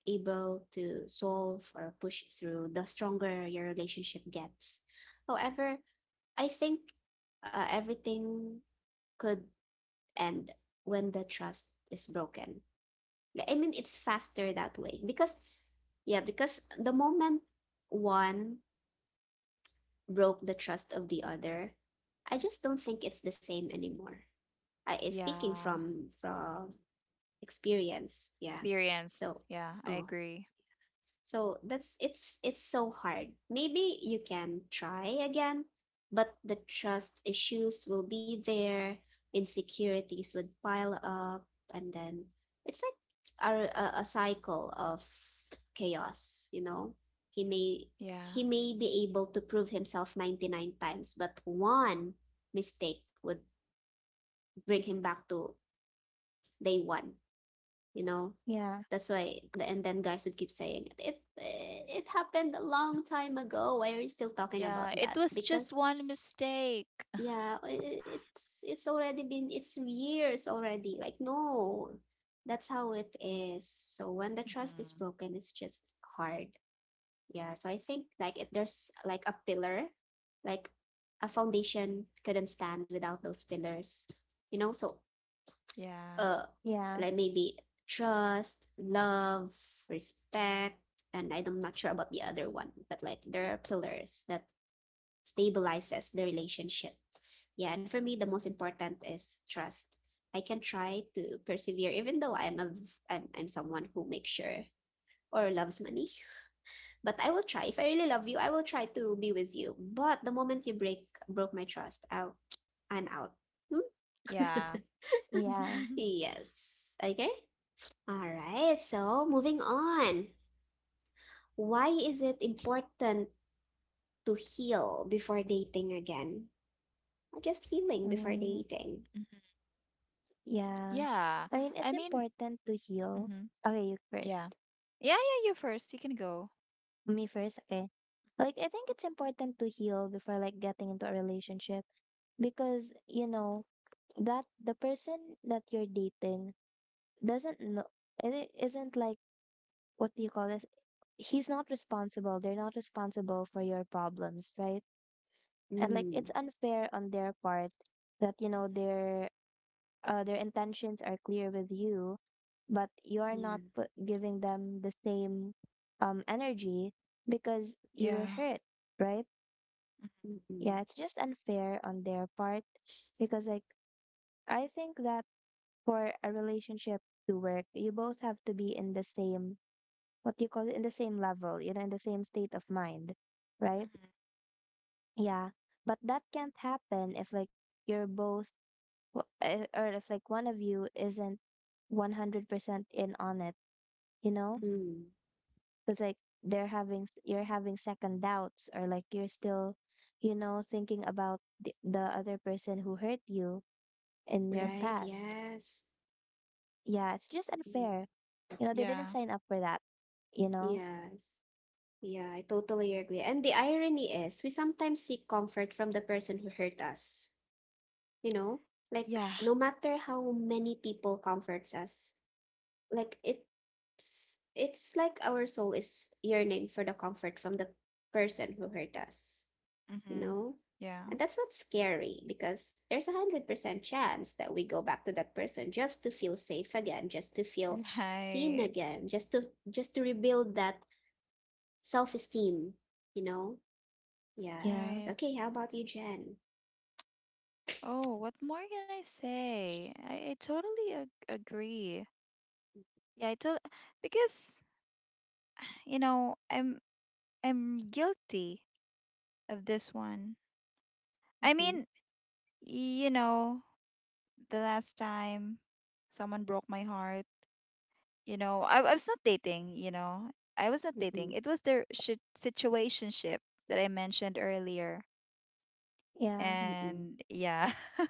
[SPEAKER 1] able to solve or push through, the stronger your relationship gets. However, I think, everything could end when the trust is broken. Like, I mean, it's faster that way because, yeah, because the moment one broke the trust of the other, I just don't think it's the same anymore. Speaking
[SPEAKER 2] Yeah.
[SPEAKER 1] from experience, yeah.
[SPEAKER 2] Experience.
[SPEAKER 1] So,
[SPEAKER 2] Yeah. I
[SPEAKER 1] oh,
[SPEAKER 2] agree.
[SPEAKER 1] That's, it's so hard. Maybe you can try again, but the trust issues will be there, insecurities would pile up, and then it's like, a cycle of chaos, you know? He may
[SPEAKER 2] Yeah.
[SPEAKER 1] he may be able to prove himself 99 times, but one mistake would bring him back to day one you know
[SPEAKER 3] Yeah.
[SPEAKER 1] that's why, and then guys would keep saying, it happened a long time ago, why are you still talking about
[SPEAKER 2] Yeah. It
[SPEAKER 1] that?
[SPEAKER 2] was just
[SPEAKER 1] Because
[SPEAKER 2] one mistake.
[SPEAKER 1] yeah, it's already been it's years already. Like, no, that's how it is. So when the trust is
[SPEAKER 2] Mhm.
[SPEAKER 1] broken, it's just hard. Yeah, so I think like if there's like a pillar, like a foundation couldn't stand without those pillars, so
[SPEAKER 2] Yeah.
[SPEAKER 1] uh
[SPEAKER 3] Yeah.
[SPEAKER 1] like maybe trust, love, respect, and I'm not sure about the other one, but like there are pillars that stabilizes the relationship. Yeah, and for me the most important is trust. I can try to persevere even though I'm a, v- I'm someone who makes sure or loves money. But I will try. If I really love you, I will try to be with you. But the moment you break broke my trust, I'm out.
[SPEAKER 2] Yeah.
[SPEAKER 3] Yeah.
[SPEAKER 2] Mhm.
[SPEAKER 1] Yes. Okay. All right, so moving on. Why is it important to heal before dating again? Or just healing before
[SPEAKER 3] Mm,
[SPEAKER 1] dating?
[SPEAKER 3] yeah,
[SPEAKER 2] Yeah.
[SPEAKER 3] I mean
[SPEAKER 2] I
[SPEAKER 3] it's
[SPEAKER 2] mean,
[SPEAKER 3] important to heal.
[SPEAKER 2] hmm
[SPEAKER 3] Okay, you
[SPEAKER 2] yeah.
[SPEAKER 3] first.
[SPEAKER 2] Yeah, yeah, you first. You can go.
[SPEAKER 3] Me first, okay. Like I think it's important to heal before like getting into a relationship because you know that the person that you're dating doesn't know it isn't like what do you call this he's not responsible they're not responsible for your problems, right? And like
[SPEAKER 1] Mm,
[SPEAKER 3] it's unfair on their part that you
[SPEAKER 2] Mm,
[SPEAKER 3] know their intentions are clear with you but you're not
[SPEAKER 1] yeah.
[SPEAKER 3] put, giving them the same energy because you were
[SPEAKER 2] Yeah.
[SPEAKER 3] hurt, right?
[SPEAKER 1] Mm-mm.
[SPEAKER 3] Yeah it's just unfair on their part because like I think that for a relationship to work, you both have to be in the same, what do you call it, in the same level, you know, in the same state of mind, right?
[SPEAKER 2] Mm-hmm.
[SPEAKER 3] Yeah. But that can't happen if, like, you're both, w- eh, or if, like, one of you isn't 100% in on it, you know?
[SPEAKER 2] Mm-hmm.
[SPEAKER 1] Mm.
[SPEAKER 3] Because, like, you're having second doubts, or, like, you're still, you know, thinking about the other person who hurt you in your
[SPEAKER 2] Mm-hmm.
[SPEAKER 1] Right,
[SPEAKER 3] past.
[SPEAKER 1] yes.
[SPEAKER 3] Yeah, it's just
[SPEAKER 1] Yeah.
[SPEAKER 3] unfair. You know, they didn't
[SPEAKER 2] Yeah.
[SPEAKER 3] sign up for that, you know?
[SPEAKER 1] Yes. Yeah, I totally agree. And the irony is, we sometimes seek comfort from the person who hurt us. You know, like
[SPEAKER 2] Yeah.
[SPEAKER 1] no matter how many people comforts us, like it's like our soul is yearning for the comfort from the person who hurt us, you
[SPEAKER 2] Mm-hmm.
[SPEAKER 1] know.
[SPEAKER 2] Yeah.
[SPEAKER 1] And that's what's scary, because there's 100% chance that we go back to that person just to feel safe again, just to feel seen
[SPEAKER 2] Right.
[SPEAKER 1] again, just to rebuild that self-esteem, you know.
[SPEAKER 3] Yeah,
[SPEAKER 1] Yes.
[SPEAKER 2] Right.
[SPEAKER 1] Okay, how about you, Jen?
[SPEAKER 2] Oh, what more can I say? I totally ag agree. Yeah, I to because you know, I'm guilty of this one. I
[SPEAKER 1] Mm-hmm.
[SPEAKER 2] mean, you know, the last time someone broke my heart. You know, I was not dating, you know, I was not dating,
[SPEAKER 1] Mm-mm.
[SPEAKER 2] it was the shi situationship that I mentioned earlier.
[SPEAKER 3] yeah.
[SPEAKER 1] Mm-mm.
[SPEAKER 2] And yeah.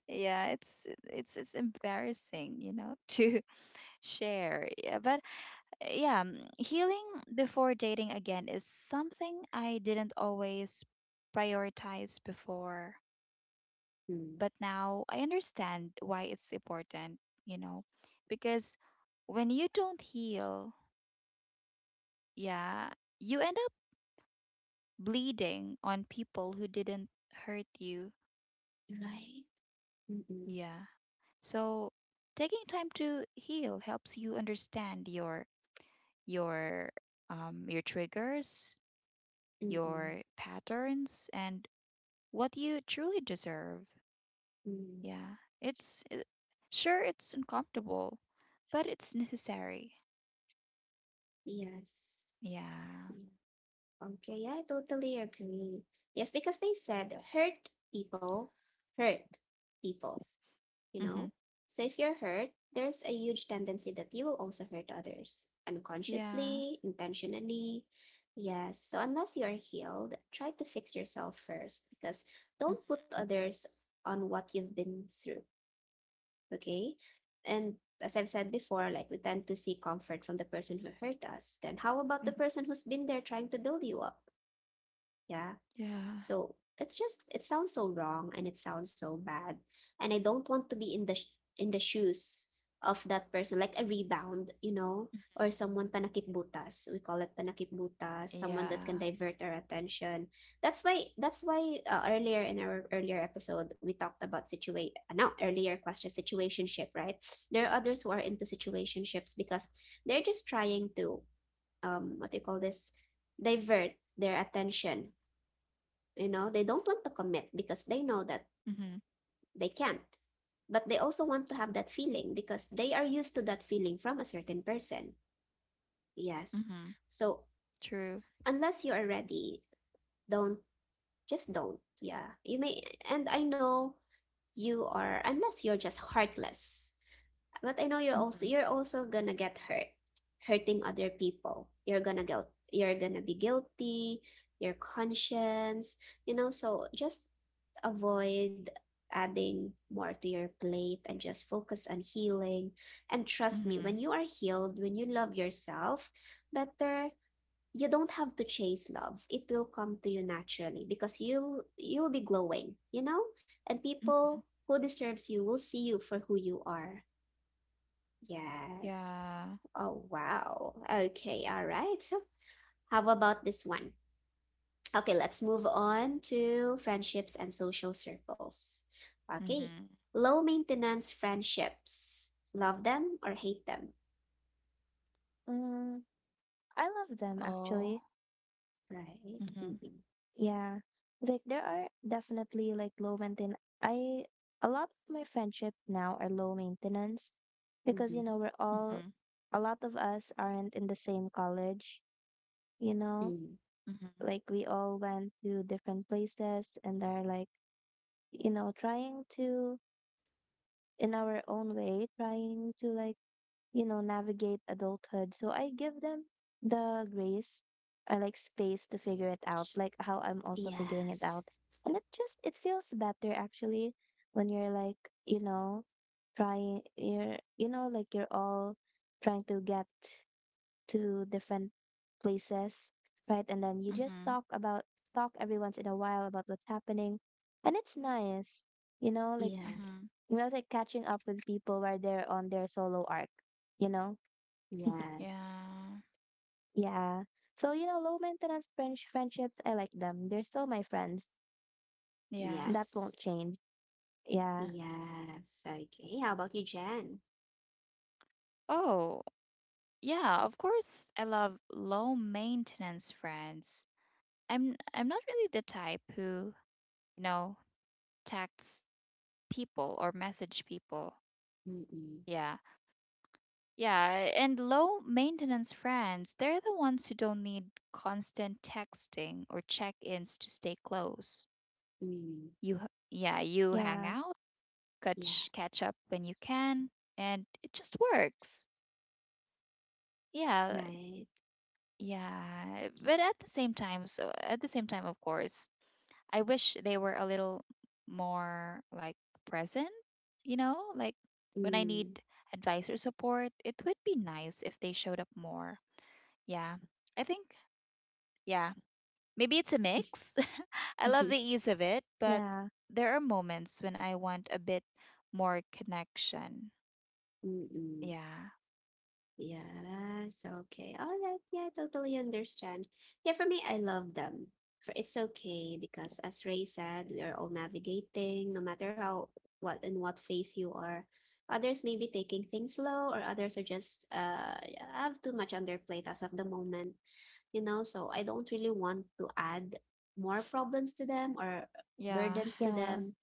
[SPEAKER 2] Yeah, it's embarrassing, you know, to share, yeah. But yeah healing before dating again is something I didn't always prioritize before,
[SPEAKER 1] Mm.
[SPEAKER 2] but now I understand why it's important, you know, because when you don't heal, yeah, you end bleeding on people who didn't hurt you.
[SPEAKER 1] Right. Mm-mm.
[SPEAKER 2] Yeah. So taking time to heal helps you understand your your triggers,
[SPEAKER 1] Mm-mm.
[SPEAKER 2] your patterns and what you truly deserve.
[SPEAKER 1] Mm.
[SPEAKER 2] Yeah. Sure it's uncomfortable, but it's necessary.
[SPEAKER 1] Yes.
[SPEAKER 2] Yeah.
[SPEAKER 1] Yeah. Okay. Yeah, I totally agree. Yes, because they said, hurt people, you
[SPEAKER 2] Mhm.
[SPEAKER 1] know? So if you're hurt, there's a huge tendency that you will also hurt others
[SPEAKER 2] Yeah.
[SPEAKER 1] unconsciously, intentionally. Yes. So unless you're healed, try to fix yourself first, because
[SPEAKER 2] Mhm.
[SPEAKER 1] don't put others on what you've been through. Okay. And as I've said before, like we tend to seek comfort from the person who hurt us. Then how about the
[SPEAKER 2] Mhm.
[SPEAKER 1] person who's been there trying to build you up? Yeah.
[SPEAKER 2] Yeah.
[SPEAKER 1] So it's just, it sounds so wrong and it sounds so bad. And I don't want to be in the sh- in the shoes of that person, like a rebound, you know,
[SPEAKER 2] Mhm.
[SPEAKER 1] or someone panakitbutas. We call it panakitbutas, someone that can
[SPEAKER 2] Yeah.
[SPEAKER 1] divert our attention. That's why earlier, in our earlier episode, we talked about situation. No, earlier question, situationship, right? There are others who are into situationships because they're just trying to, what do you call this, divert their attention, you know. They don't want to commit because they know that
[SPEAKER 2] Mhm.
[SPEAKER 1] they can't, but they also want to have that feeling because they are used to that feeling from a certain person. Yes.
[SPEAKER 2] Mhm.
[SPEAKER 1] So
[SPEAKER 2] True.
[SPEAKER 1] unless you are ready, don't, just don't. Yeah, you may, and I know you are, unless you're just heartless. But I know you're
[SPEAKER 2] Mhm.
[SPEAKER 1] also you're also gonna get hurt, hurting other people. You're gonna be guilty, your conscience, you know, so just avoid adding more to your plate and just focus on healing. And trust me, when
[SPEAKER 2] Mhm.
[SPEAKER 1] you are healed, when you love yourself better, you don't have to chase love. It will come to you naturally because you'll be glowing, you know? And people
[SPEAKER 2] Mhm.
[SPEAKER 1] who deserves you will see you for who you are. Yes.
[SPEAKER 2] Yeah.
[SPEAKER 1] Oh, wow. Okay, all right. So, how about this one? Okay, let's move on to friendships and social circles. Okay.
[SPEAKER 2] Mhm.
[SPEAKER 1] Low maintenance friendships. Love them or hate them,
[SPEAKER 3] Mm, I love them
[SPEAKER 2] Oh.
[SPEAKER 3] actually.
[SPEAKER 1] right?
[SPEAKER 2] Mhm.
[SPEAKER 1] Mm-mm.
[SPEAKER 3] Yeah. Like there are definitely like low maintenance. I A lot of my friendships now are low maintenance because you
[SPEAKER 1] Mm-hmm.
[SPEAKER 3] know we're
[SPEAKER 2] Mhm.
[SPEAKER 3] all a lot of us aren't in the same college, you know?
[SPEAKER 1] Mm.
[SPEAKER 2] Mhm.
[SPEAKER 3] Like we all went to different places and are like, you know, trying to in our own way, trying to like you know, navigate adulthood. So I give them the grace or like space to figure it out, like how I'm also figuring it
[SPEAKER 1] Yes.
[SPEAKER 3] out. And it just it feels better actually when you're like, you know, trying you're you know, like you're all trying to get to different places, right? And then you just
[SPEAKER 2] Mhm.
[SPEAKER 3] talk every once in a while about what's happening, and it's nice, you know, like
[SPEAKER 1] Yeah.
[SPEAKER 2] Mhm.
[SPEAKER 3] you know, like catching up with people while they're on their solo arc, you know?
[SPEAKER 1] Yes.
[SPEAKER 2] Yeah.
[SPEAKER 3] Yeah. So, you know, low maintenance French friendships, I like them. They're still my friends.
[SPEAKER 2] Yeah.
[SPEAKER 3] That won't
[SPEAKER 1] Yes.
[SPEAKER 3] change. Yeah.
[SPEAKER 1] Yes. Okay. How about you, Jen?
[SPEAKER 2] Oh, yeah, of course I love low maintenance friends. I'm not really the type who, you know, texts people or message people.
[SPEAKER 1] Mm-mm.
[SPEAKER 2] Yeah. Yeah, and low maintenance friends, they're the ones who don't need constant texting or check-ins to stay close.
[SPEAKER 1] Mm.
[SPEAKER 2] Yeah, you hang
[SPEAKER 3] Yeah.
[SPEAKER 2] out,
[SPEAKER 1] Yeah.
[SPEAKER 2] catch up when you can, and it just works. Yeah,
[SPEAKER 1] Right.
[SPEAKER 2] yeah. But at the same time, so at the same time, of course, I wish they were a little more like present. You know, like when I
[SPEAKER 1] Mm.
[SPEAKER 2] need advice or support, it would be nice if they showed up more. Yeah, I think. Yeah, maybe it's a mix. I love the ease of it, but
[SPEAKER 3] Yeah.
[SPEAKER 2] there are moments when I want a bit more connection.
[SPEAKER 1] Mm-mm.
[SPEAKER 2] Yeah.
[SPEAKER 1] Yes, okay. All right. Yeah, I totally understand. Yeah, for me, I love them. For it's okay, because as Ray said, we are all navigating, no matter how, what in what phase you are. Others may be taking things slow, or others are just have too much on their plate as of the moment, you know, so I don't really want to add more problems to them or
[SPEAKER 2] Yeah.
[SPEAKER 1] burdens to
[SPEAKER 3] Yeah.
[SPEAKER 1] them.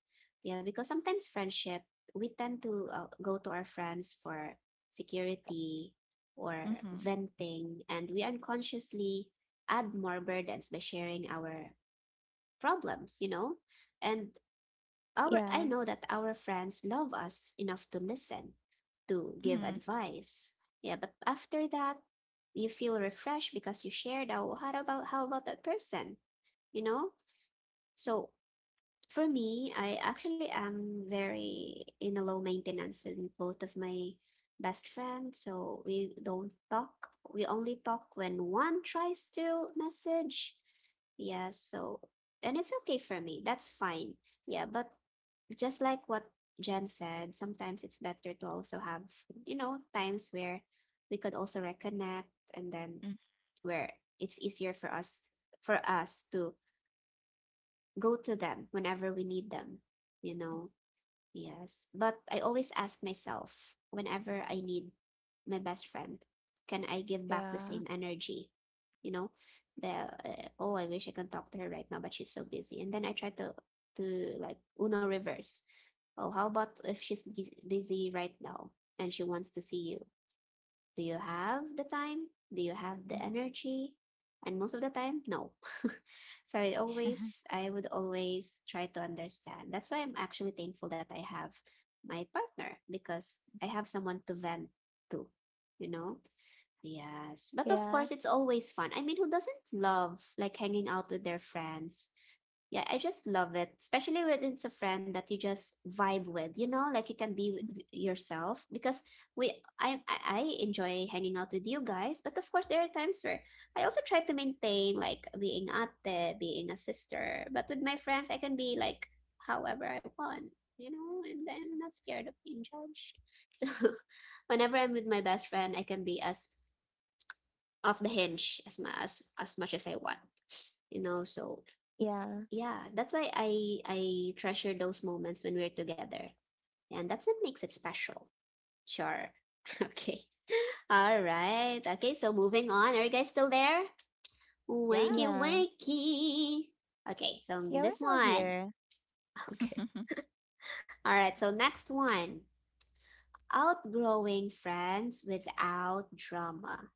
[SPEAKER 1] Yeah, because sometimes friendship, we tend to go to our friends for security or
[SPEAKER 2] hmm
[SPEAKER 1] venting, and we unconsciously add more burdens by sharing our problems, you know. And our,
[SPEAKER 3] Yeah.
[SPEAKER 1] I know that our friends love us enough to listen, to give
[SPEAKER 2] Mhm.
[SPEAKER 1] advice. Yeah, but after that, you feel refreshed because you shared out, how about that person, you know? So for me, I actually am very in a low maintenance with both of my best friends. So we don't talk. We only talk when one tries to message. Yeah, so, and it's okay for me. That's fine. Yeah, but just like what Jen said, sometimes it's better to also have, you know, times where we could also reconnect, and then
[SPEAKER 2] Mm.
[SPEAKER 1] where it's easier for us to go to them whenever we need them, you know. Yes, but I always ask myself, whenever I need my best friend, can I give back the
[SPEAKER 2] Yeah.
[SPEAKER 1] same energy? You know, the oh, I wish I can talk to her right now, but she's so busy. And then I try to to like Uno reverse. Oh, how about if she's busy right now and she wants to see you? Do you have the time? Do you have the
[SPEAKER 2] Mhm.
[SPEAKER 1] energy? And most of the time, no. So I always, I would always try to understand. That's why I'm actually thankful that I have my partner, because I have someone to vent to, you know? Yes. But of
[SPEAKER 3] Yeah.
[SPEAKER 1] course, it's always fun. I mean, who doesn't love like hanging out with their friends? Yeah, I just love it, especially when it's a friend that you just vibe with, you know, like you can be yourself, because we, I enjoy hanging out with you guys, but of course there are times where I also try to maintain like being ate, being a sister, but with my friends I can be like however I want, you know, and I'm not scared of being judged. So whenever I'm with my best friend, I can be as off the hinge as much as I want, you know. So
[SPEAKER 3] Yeah.
[SPEAKER 1] yeah, that's why I treasure those moments when we're together, and that's what makes it special. Sure. Okay. All right. Okay. So moving on. Are you guys still there?
[SPEAKER 2] Yeah.
[SPEAKER 1] Wakey,
[SPEAKER 3] Yeah.
[SPEAKER 1] wakey. Okay. So
[SPEAKER 3] Yeah, we're
[SPEAKER 1] this
[SPEAKER 3] still
[SPEAKER 1] one.
[SPEAKER 3] here.
[SPEAKER 1] Okay. All right. So next one. Outgrowing friends without drama.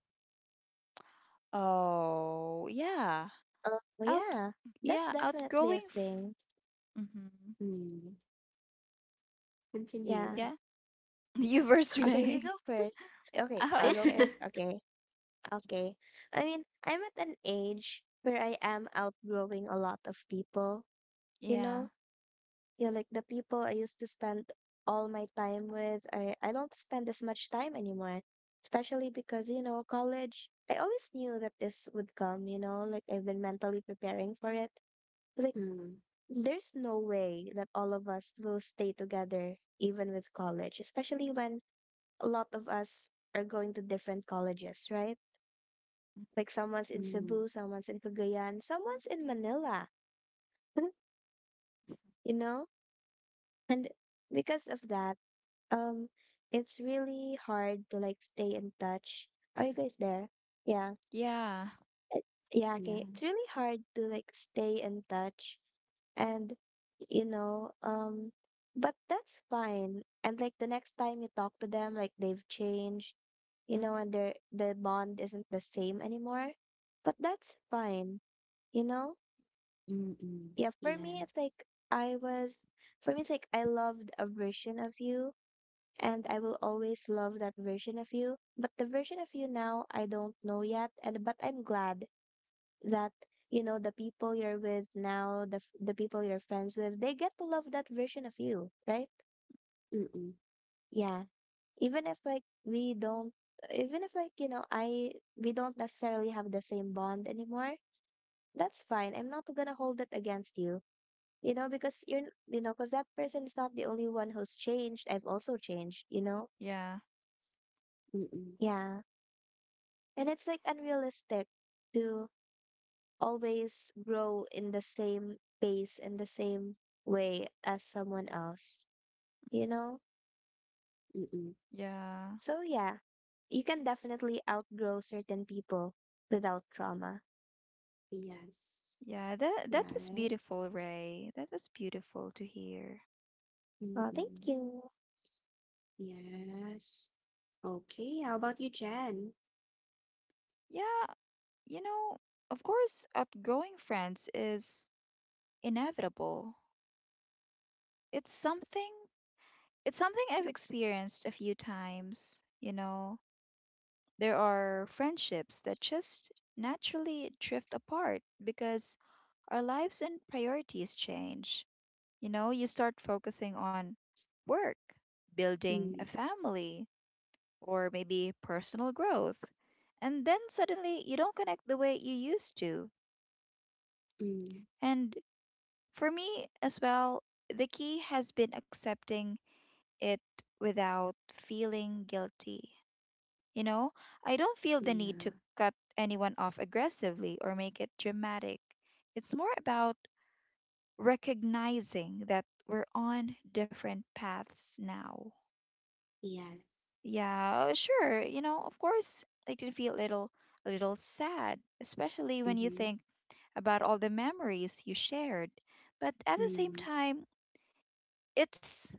[SPEAKER 2] Oh, yeah.
[SPEAKER 3] Oh,
[SPEAKER 2] Out,
[SPEAKER 3] yeah. That's
[SPEAKER 2] yeah,
[SPEAKER 3] definitely a
[SPEAKER 2] outgrowing.
[SPEAKER 3] thing.
[SPEAKER 2] Mm-hmm.
[SPEAKER 1] Hmm.
[SPEAKER 3] Yeah.
[SPEAKER 1] Continue.
[SPEAKER 2] Yeah. You were
[SPEAKER 3] Okay, you
[SPEAKER 2] Ray.
[SPEAKER 3] go first. Okay,
[SPEAKER 2] Oh,
[SPEAKER 3] I go
[SPEAKER 2] okay.
[SPEAKER 3] first. Okay. Okay. I mean, I'm at an age where I am outgrowing a lot of people, you know?
[SPEAKER 2] Yeah.
[SPEAKER 3] Yeah, like the people I used to spend all my time with, I don't spend as much time anymore. Especially because, you know, college, I always knew that this would come, you know? Like I've been mentally preparing for it. Like
[SPEAKER 1] Hmm,
[SPEAKER 3] there's no way that all of us will stay together even with college, especially when a lot of us are going to different colleges, right? Like someone's in
[SPEAKER 1] hmm.
[SPEAKER 3] Cebu, someone's in Cagayan, someone's in Manila, you know? And because of that, um, it's really hard to like stay in touch. Are you guys there? Yeah.
[SPEAKER 2] Yeah.
[SPEAKER 3] It- Yeah, okay. It's really
[SPEAKER 1] Yes.
[SPEAKER 3] hard to like stay in touch, and you know, but that's fine. And like the next time you talk to them, like they've changed you
[SPEAKER 2] hmm
[SPEAKER 3] know, and the bond isn't the same anymore. But that's fine, you know?
[SPEAKER 1] Mm-mm.
[SPEAKER 3] Yeah,
[SPEAKER 1] Yes.
[SPEAKER 3] for me it's like I loved a version of you and I will always love that version of you. But the version of you now I don't know yet, and but I'm glad that you know the people you're with now the people you're friends with they get to love that version of you, right?
[SPEAKER 1] Mm-mm.
[SPEAKER 3] Yeah. Even if like we don't even if like, you know, I we don't necessarily have the same bond anymore, that's fine. I'm not gonna hold it against you. You know, because you know, because that person is not the only one who's changed. I've also changed, you know?
[SPEAKER 2] Yeah,
[SPEAKER 1] Mm-mm.
[SPEAKER 3] Yeah. And it's like unrealistic to always grow in the same pace in the same way as someone else, you know?
[SPEAKER 1] Mm-mm.
[SPEAKER 2] yeah,
[SPEAKER 3] So yeah, you can definitely outgrow certain people without trauma.
[SPEAKER 1] Yes.
[SPEAKER 2] yeah, that that was
[SPEAKER 1] Right.
[SPEAKER 2] beautiful, Ray. That was beautiful to hear.
[SPEAKER 3] Oh, thank
[SPEAKER 1] Mm-mm.
[SPEAKER 3] you.
[SPEAKER 1] Yes. Okay. How about you, Jen?
[SPEAKER 2] Yeah, you know, of course, outgrowing friends is inevitable. It's something. It's something I've experienced a few times, you know. There are friendships that just naturally drift apart because our lives and priorities change. You know, you start focusing on work, building a
[SPEAKER 1] Mm.
[SPEAKER 2] family, or maybe personal growth. And then suddenly you don't connect the way you used to.
[SPEAKER 1] Mm.
[SPEAKER 2] And for me as well, the key has been accepting it without feeling guilty. You know, I don't feel the need to
[SPEAKER 1] Yeah.
[SPEAKER 2] cut anyone off aggressively or make it dramatic. It's more about recognizing that we're on different paths now.
[SPEAKER 1] Yes.
[SPEAKER 2] Yeah, sure. You know, of course, I can feel a little sad, especially when you
[SPEAKER 1] Mm-hmm.
[SPEAKER 2] think about all the memories you shared. But at the same
[SPEAKER 1] Mm.
[SPEAKER 2] time, it's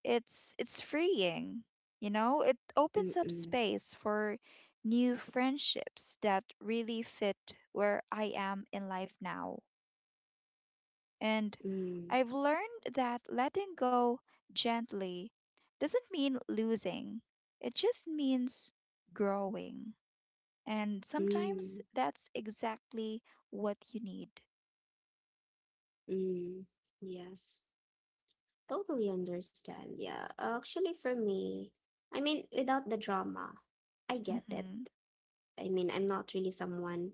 [SPEAKER 2] it's freeing. You know, it opens up
[SPEAKER 1] Mm-mm.
[SPEAKER 2] space for new friendships that really fit where I am in life now, and
[SPEAKER 1] Mm.
[SPEAKER 2] I've learned that letting go gently doesn't mean losing, it just means growing, and sometimes
[SPEAKER 1] Mm.
[SPEAKER 2] that's exactly what you need.
[SPEAKER 1] Mm. Yes. Totally understand. Yeah. Actually, for me, I mean, without the drama, I get it.
[SPEAKER 2] Mhm.
[SPEAKER 1] I mean, I'm not really someone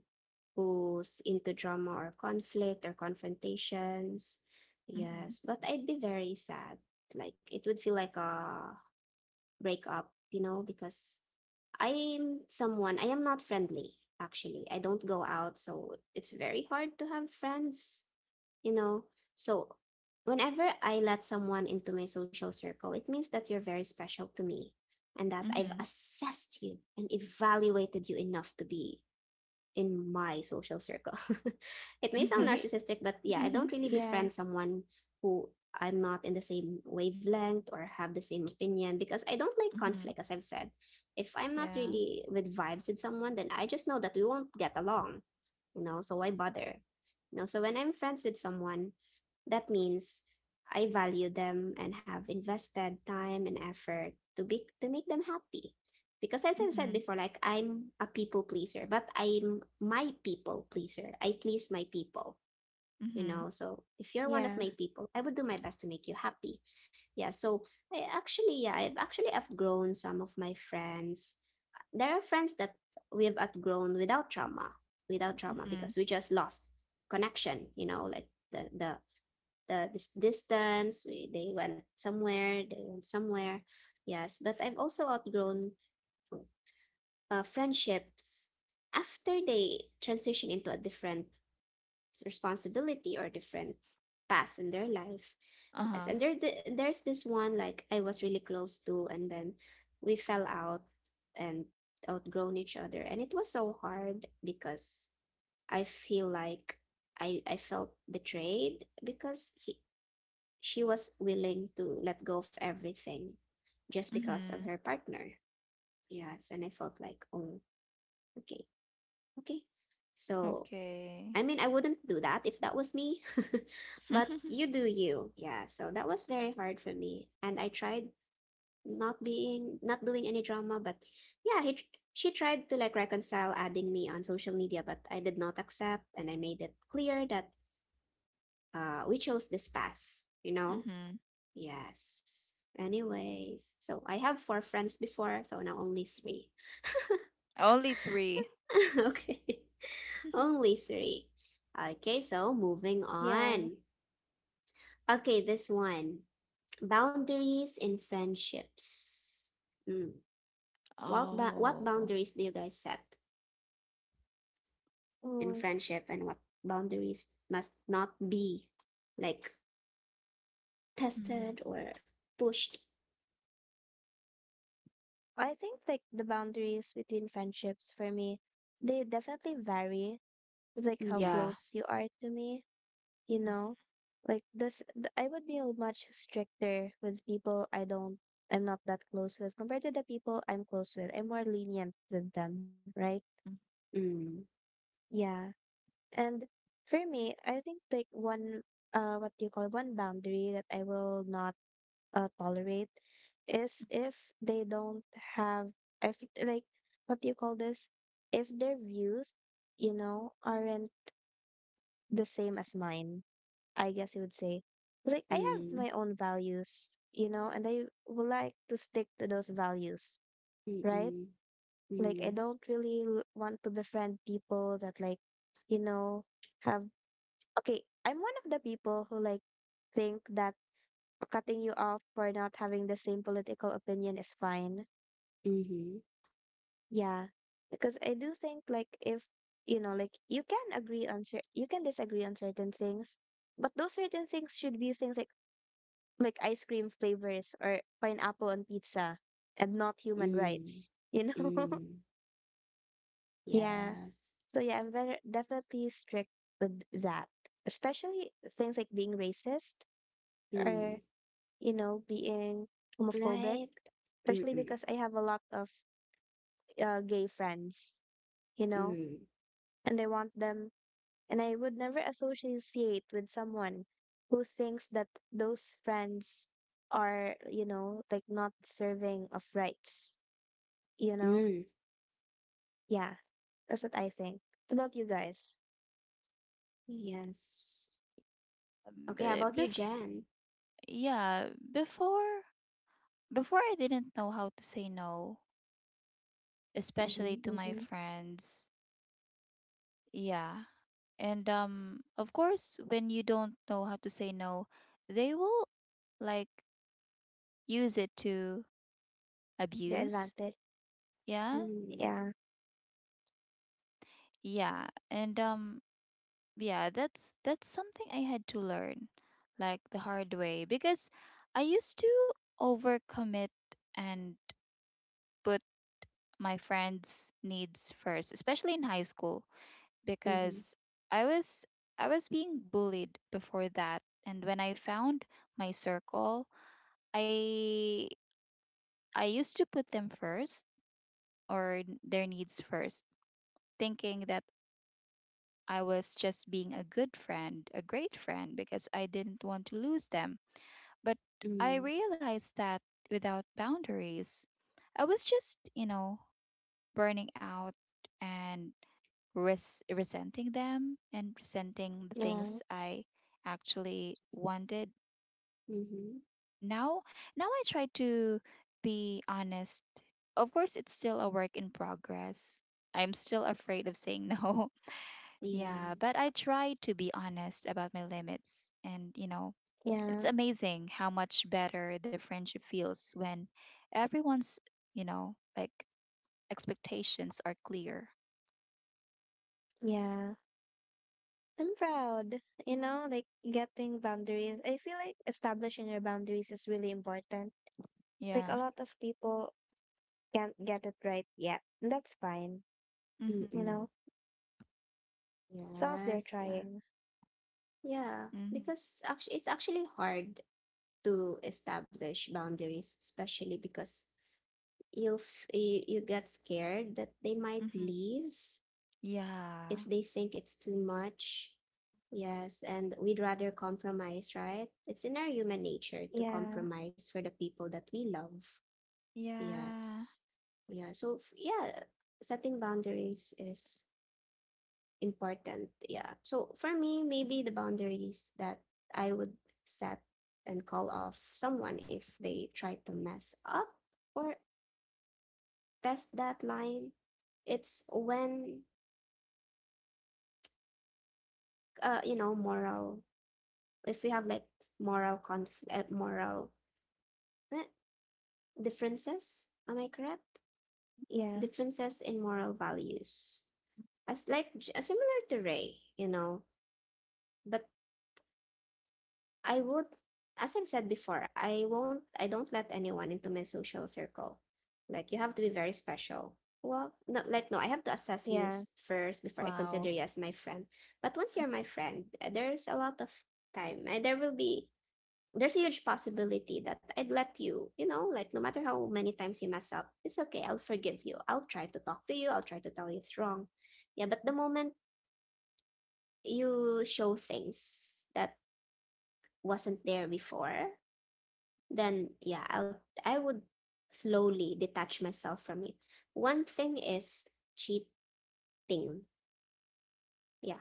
[SPEAKER 1] who's into drama or conflict or confrontations.
[SPEAKER 2] Mhm.
[SPEAKER 1] Yes, but I'd be very sad. Like it would feel like a break up, you know, because I'm someone, I am not friendly, actually. I don't go out, so it's very hard to have friends, you know. So whenever I let someone into my social circle, it means that you're very special to me, and that I've
[SPEAKER 2] Mhm.
[SPEAKER 1] assessed you and evaluated you enough to be in my social circle. It may sound
[SPEAKER 2] Mhm.
[SPEAKER 1] narcissistic, but yeah, I don't
[SPEAKER 2] Mhm.
[SPEAKER 1] really
[SPEAKER 3] Yeah,
[SPEAKER 1] befriend someone who I'm not in the same wavelength or have the same opinion, because I don't like
[SPEAKER 2] Mhm.
[SPEAKER 1] conflict, as I've said. If I'm not
[SPEAKER 2] Yeah.
[SPEAKER 1] really with vibes with someone, then I just know that we won't get along, you know, so why bother? You know, so when I'm friends with someone, that means I value them and have invested time and effort to be to make them happy. Because as I said
[SPEAKER 2] Mhm.
[SPEAKER 1] before, like I'm a people pleaser, but I'm my people pleaser. I please my people, you
[SPEAKER 2] Mhm.
[SPEAKER 1] know. So if you're one of
[SPEAKER 3] yeah,
[SPEAKER 1] my people, I would do my best to make you happy. Yeah. So I actually, yeah, I've actually outgrown some of my friends. There are friends that we have outgrown without trauma, without trauma,
[SPEAKER 2] Mhm.
[SPEAKER 1] because we just lost connection, you know, like the this distance. We, they went somewhere, they went somewhere. Yes, but I've also outgrown friendships after they transition into a different responsibility or different path in their life. Yes,
[SPEAKER 2] Uh-huh.
[SPEAKER 1] and there's this one like I was really close to, and then we fell out and outgrown each other, and it was so hard because I feel like I felt betrayed because she was willing to let go of everything just because of
[SPEAKER 2] Mm-hmm.
[SPEAKER 1] her partner. Yes, and I felt like, oh, okay, okay. So,
[SPEAKER 2] Okay.
[SPEAKER 1] I mean, I wouldn't do that if that was me, but you do you. Yeah, so that was very hard for me. And I tried not being, not doing any drama, but yeah, she tried to like reconcile adding me on social media, but I did not accept. And I made it clear that we chose this path, you know?
[SPEAKER 2] mm-hmm.
[SPEAKER 1] Yes. Anyways, so I have four friends before, so now only three.
[SPEAKER 2] Only three.
[SPEAKER 1] Okay, only three. Okay, so moving
[SPEAKER 3] yeah.
[SPEAKER 1] on. Okay, this one, boundaries in friendships. Mm. What, what
[SPEAKER 2] Oh.
[SPEAKER 1] boundaries do you guys set in
[SPEAKER 3] Mm.
[SPEAKER 1] friendship, and what boundaries must not be like
[SPEAKER 2] Mm-hmm.
[SPEAKER 1] tested or pushed?
[SPEAKER 3] I think like the boundaries between friendships for me, they definitely vary, like how
[SPEAKER 1] Mm-hmm.
[SPEAKER 2] Yeah.
[SPEAKER 3] close you are to me, you know? Like I would be a much stricter with people I'm not that close with compared to the people I'm close with. I'm more lenient with them, right?
[SPEAKER 2] Mm-hmm.
[SPEAKER 1] Mm-hmm.
[SPEAKER 3] Yeah. And for me, I think like one, what do you call it? One boundary that I will not tolerate is if they don't have if like what do you call this if their views you know aren't the same as mine I guess you would say. 'Cause, like I have
[SPEAKER 1] Mm-hmm.
[SPEAKER 3] my own values you know and I would like to stick to those values, right?
[SPEAKER 1] Mm-hmm.
[SPEAKER 3] Like i don't really want to befriend people that like you know have okay I'm one of the people who like think that cutting you off for not having the same political opinion is fine.
[SPEAKER 1] Mm-hmm.
[SPEAKER 3] Yeah. Because I do think like if you know, like you can agree on you can disagree on certain things, but those certain things should be things like ice cream flavors or pineapple on pizza and not human
[SPEAKER 1] Mm-hmm.
[SPEAKER 3] rights, you know?
[SPEAKER 1] Mm,
[SPEAKER 3] yeah.
[SPEAKER 1] yes.
[SPEAKER 3] So yeah, I'm very definitely strict with that. Especially things like being racist or,
[SPEAKER 1] Mm,
[SPEAKER 3] you know, being homophobic,
[SPEAKER 1] right.
[SPEAKER 3] especially
[SPEAKER 1] Mm-mm.
[SPEAKER 3] because I have a lot of gay friends, you know,
[SPEAKER 1] Mm,
[SPEAKER 3] and I want them, and I would never associate with someone who thinks that those friends are, you know, like not serving of rights, you
[SPEAKER 1] mm.
[SPEAKER 3] know?
[SPEAKER 1] Mm.
[SPEAKER 3] Yeah, that's what I think. What about you guys?
[SPEAKER 1] Yes. Okay,
[SPEAKER 2] B-
[SPEAKER 1] about you,
[SPEAKER 2] Bef-
[SPEAKER 1] Jen?
[SPEAKER 2] yeah, before before I didn't know how to say no,
[SPEAKER 1] Mm-hmm.
[SPEAKER 2] especially to my
[SPEAKER 3] Mm-hmm.
[SPEAKER 2] friends. Yeah. And of course when you don't know how to say no, they will like use it to
[SPEAKER 3] The
[SPEAKER 2] abuse.
[SPEAKER 3] advantage.
[SPEAKER 2] Yeah.
[SPEAKER 1] Mm,
[SPEAKER 3] Yeah,
[SPEAKER 2] Yeah. And yeah, that's something I had to learn like the hard way because I used to overcommit and put my friends needs first, especially in high school,
[SPEAKER 1] mm-hmm.
[SPEAKER 2] because I was I was being bullied before that, and when I found my circle, i I used to put them first or their needs first, thinking that I was just being a good friend, a great friend, because I didn't want to lose them. But I
[SPEAKER 1] Mm,
[SPEAKER 2] realized that without boundaries, I was just, you know, burning out and resenting them and resenting the things
[SPEAKER 3] yeah,
[SPEAKER 2] I actually wanted.
[SPEAKER 1] mm-hmm.
[SPEAKER 2] Now, now I try to be honest. Of course, it's still a work in progress. I'm still afraid of saying no. Yeah, but
[SPEAKER 1] Yes.
[SPEAKER 2] I try to be honest about my limits and, you know,
[SPEAKER 3] yeah,
[SPEAKER 2] it's amazing how much better the friendship feels when everyone's, you know, like expectations are clear.
[SPEAKER 3] yeah. I'm proud, you know, like getting boundaries. I feel like establishing your boundaries is really important. Like
[SPEAKER 2] Yeah.
[SPEAKER 3] a lot of people can't get it right yet. That's fine.
[SPEAKER 2] Mhm.
[SPEAKER 3] You
[SPEAKER 1] Mm-mm.
[SPEAKER 3] know, as they're
[SPEAKER 1] Yes, yeah.
[SPEAKER 3] trying.
[SPEAKER 1] Yeah,
[SPEAKER 2] Mhm.
[SPEAKER 1] because actually it's actually hard to establish boundaries, especially because you get scared that they might
[SPEAKER 2] Mhm.
[SPEAKER 1] leave if
[SPEAKER 2] Yeah.
[SPEAKER 1] they think it's too much. Yes, and we'd rather compromise, right? It's in our human nature to
[SPEAKER 3] Yeah,
[SPEAKER 1] compromise for the people that we love.
[SPEAKER 2] Yeah.
[SPEAKER 1] Yes. Yeah. So, f- yeah, Setting boundaries is important. Yeah. So, for me, maybe the boundaries that I would set and call off someone if they try to mess up or test that line, it's when, you know, moral if we have like moral conflict, moral eh, differences. Am I correct?
[SPEAKER 3] yeah,
[SPEAKER 1] Differences in moral values, as like similar to Ray, you know. But I would, as I've said before, I won't. I don't let anyone into my social circle. Like you have to be very special. Well, no, like no, I have to assess
[SPEAKER 3] yeah,
[SPEAKER 1] first before I consider
[SPEAKER 2] Wow.
[SPEAKER 1] you as my friend. But once you're my friend, there's a lot of time. There will be there's a huge possibility that I'd let you, like no matter how many times you mess up, it's okay. I'll forgive you. I'll try to talk to you. I'll try to tell you it's wrong. Yeah, but the moment you show things that wasn't there before, then yeah, I would slowly detach myself from you. One thing is cheating. Yeah,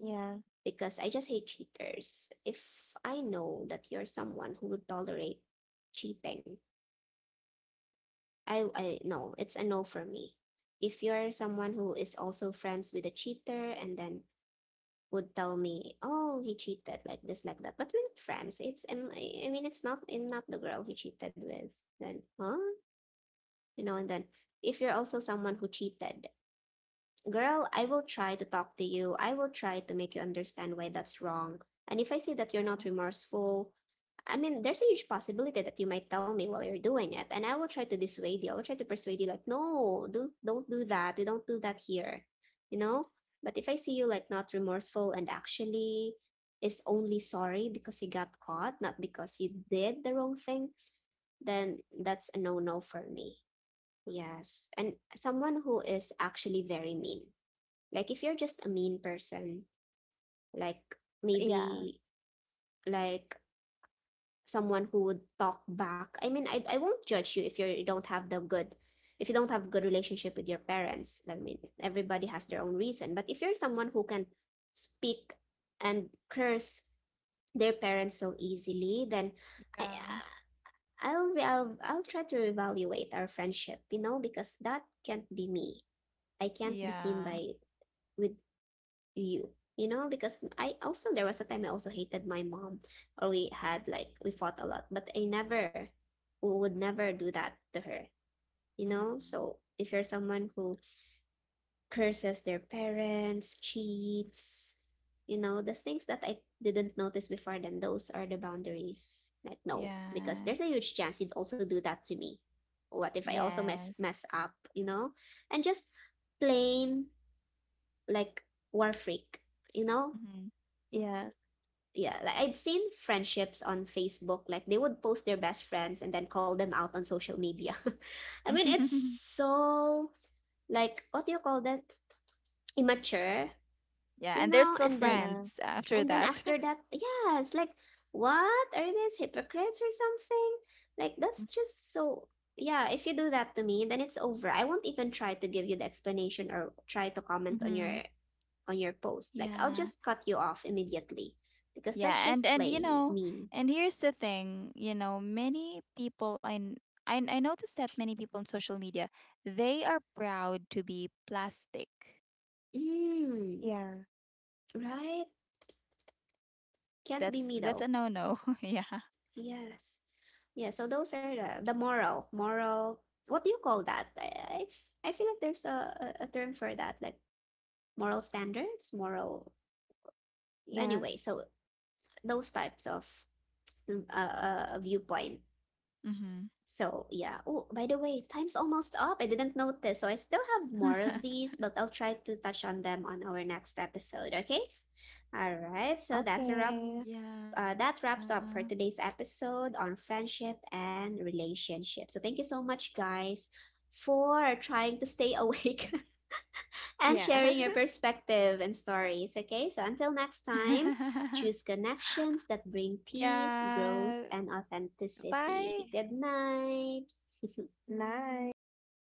[SPEAKER 3] yeah,
[SPEAKER 1] because I just hate cheaters. If I know that you're someone who would tolerate cheating, I no, it's a no for me. If you're someone who is also friends with a cheater and then would tell me, "Oh, he cheated like this, like that," but we're not friends. I mean, it's not the girl he cheated with. Then, huh? And then if you're also someone who cheated, girl, I will try to talk to you. I will try to make you understand why that's wrong. And if I see that you're not
[SPEAKER 2] Yeah.
[SPEAKER 1] remorseful, I mean, there's a huge possibility that you might tell me while you're doing it, and I will try to dissuade you. I will try to persuade you, like, no, don't do that. We don't do that here, you know. But if I see you like not remorseful and actually is only sorry because you got caught, not because you did the wrong thing, then that's a no-no for me. Yes. And someone who is actually very mean. Like if you're just a mean person, like
[SPEAKER 3] yeah,
[SPEAKER 1] maybe like someone who would talk back. I mean, I won't judge you if you don't have the if you don't have good relationship with your parents. I mean, everybody has their own reason. But if you're someone who can speak and curse their parents so easily, then I,
[SPEAKER 2] Yeah.
[SPEAKER 1] I'll try to reevaluate our friendship, you know, because that can't be me. I can't be seen
[SPEAKER 2] Yeah.
[SPEAKER 1] by with you, you know, because I also there was a time I also hated my mom, or we had like we fought a lot, but I never would never do that to her, you know.
[SPEAKER 2] Mhm.
[SPEAKER 1] So if you're someone who curses their parents, cheats, you know, the things that I didn't notice before, then those are the boundaries. Like no, because there's
[SPEAKER 2] Yes.
[SPEAKER 1] a huge chance you'd also do that to me. What if I also mess
[SPEAKER 2] Yes.
[SPEAKER 1] mess up, you know? And just plain like war freak, you know?
[SPEAKER 2] Mhm.
[SPEAKER 3] yeah,
[SPEAKER 1] Yeah, like I'd seen friendships on Facebook, like they would post their best friends and then call them out on social media. I mean, it's so like what do you call that? Immature,
[SPEAKER 2] Yeah, and
[SPEAKER 1] you
[SPEAKER 2] they're
[SPEAKER 1] know?
[SPEAKER 2] still
[SPEAKER 3] yeah,
[SPEAKER 2] friends after
[SPEAKER 1] And then
[SPEAKER 2] that.
[SPEAKER 1] after that, yeah, it's like what are these hypocrites or something? Like that's just so yeah, if you do that to me, then it's over. I won't even try to give you the explanation or try to comment
[SPEAKER 2] Mhm.
[SPEAKER 1] on your post. Like I'll
[SPEAKER 2] Yeah.
[SPEAKER 1] just cut you off immediately because that's
[SPEAKER 2] Yeah,
[SPEAKER 1] just
[SPEAKER 2] and you
[SPEAKER 1] plain
[SPEAKER 2] know,
[SPEAKER 1] mean.
[SPEAKER 2] and here's the thing, you know, many people I noticed that many people on social media, they are proud to be plastic.
[SPEAKER 1] Mm,
[SPEAKER 3] yeah,
[SPEAKER 1] right? Can't be
[SPEAKER 2] That's
[SPEAKER 1] me
[SPEAKER 2] that's
[SPEAKER 1] though.
[SPEAKER 2] a no-no. Yeah.
[SPEAKER 1] Yes. Yeah, so those are the moral, moral, what do you call that? I feel like there's a, a term for that, like moral standards, moral,
[SPEAKER 3] yeah.
[SPEAKER 1] anyway, so those types of viewpoint.
[SPEAKER 2] Mm-hmm.
[SPEAKER 1] So yeah. Oh, by the way, time's almost up. I didn't notice. So I still have more of these, but I'll try to touch on them on our next episode, okay? All right, so that's a wrap.
[SPEAKER 2] yeah.
[SPEAKER 3] Okay.
[SPEAKER 1] That wraps up for today's episode on friendship and relationships. So, thank you so much, guys, for trying to stay awake and
[SPEAKER 3] Yeah.
[SPEAKER 1] sharing your perspective and stories. Okay, so
[SPEAKER 2] yeah.
[SPEAKER 1] until next time, choose connections that
[SPEAKER 2] Yeah.
[SPEAKER 1] bring peace, growth, and
[SPEAKER 2] Bye.
[SPEAKER 1] authenticity. Good night.
[SPEAKER 3] nice.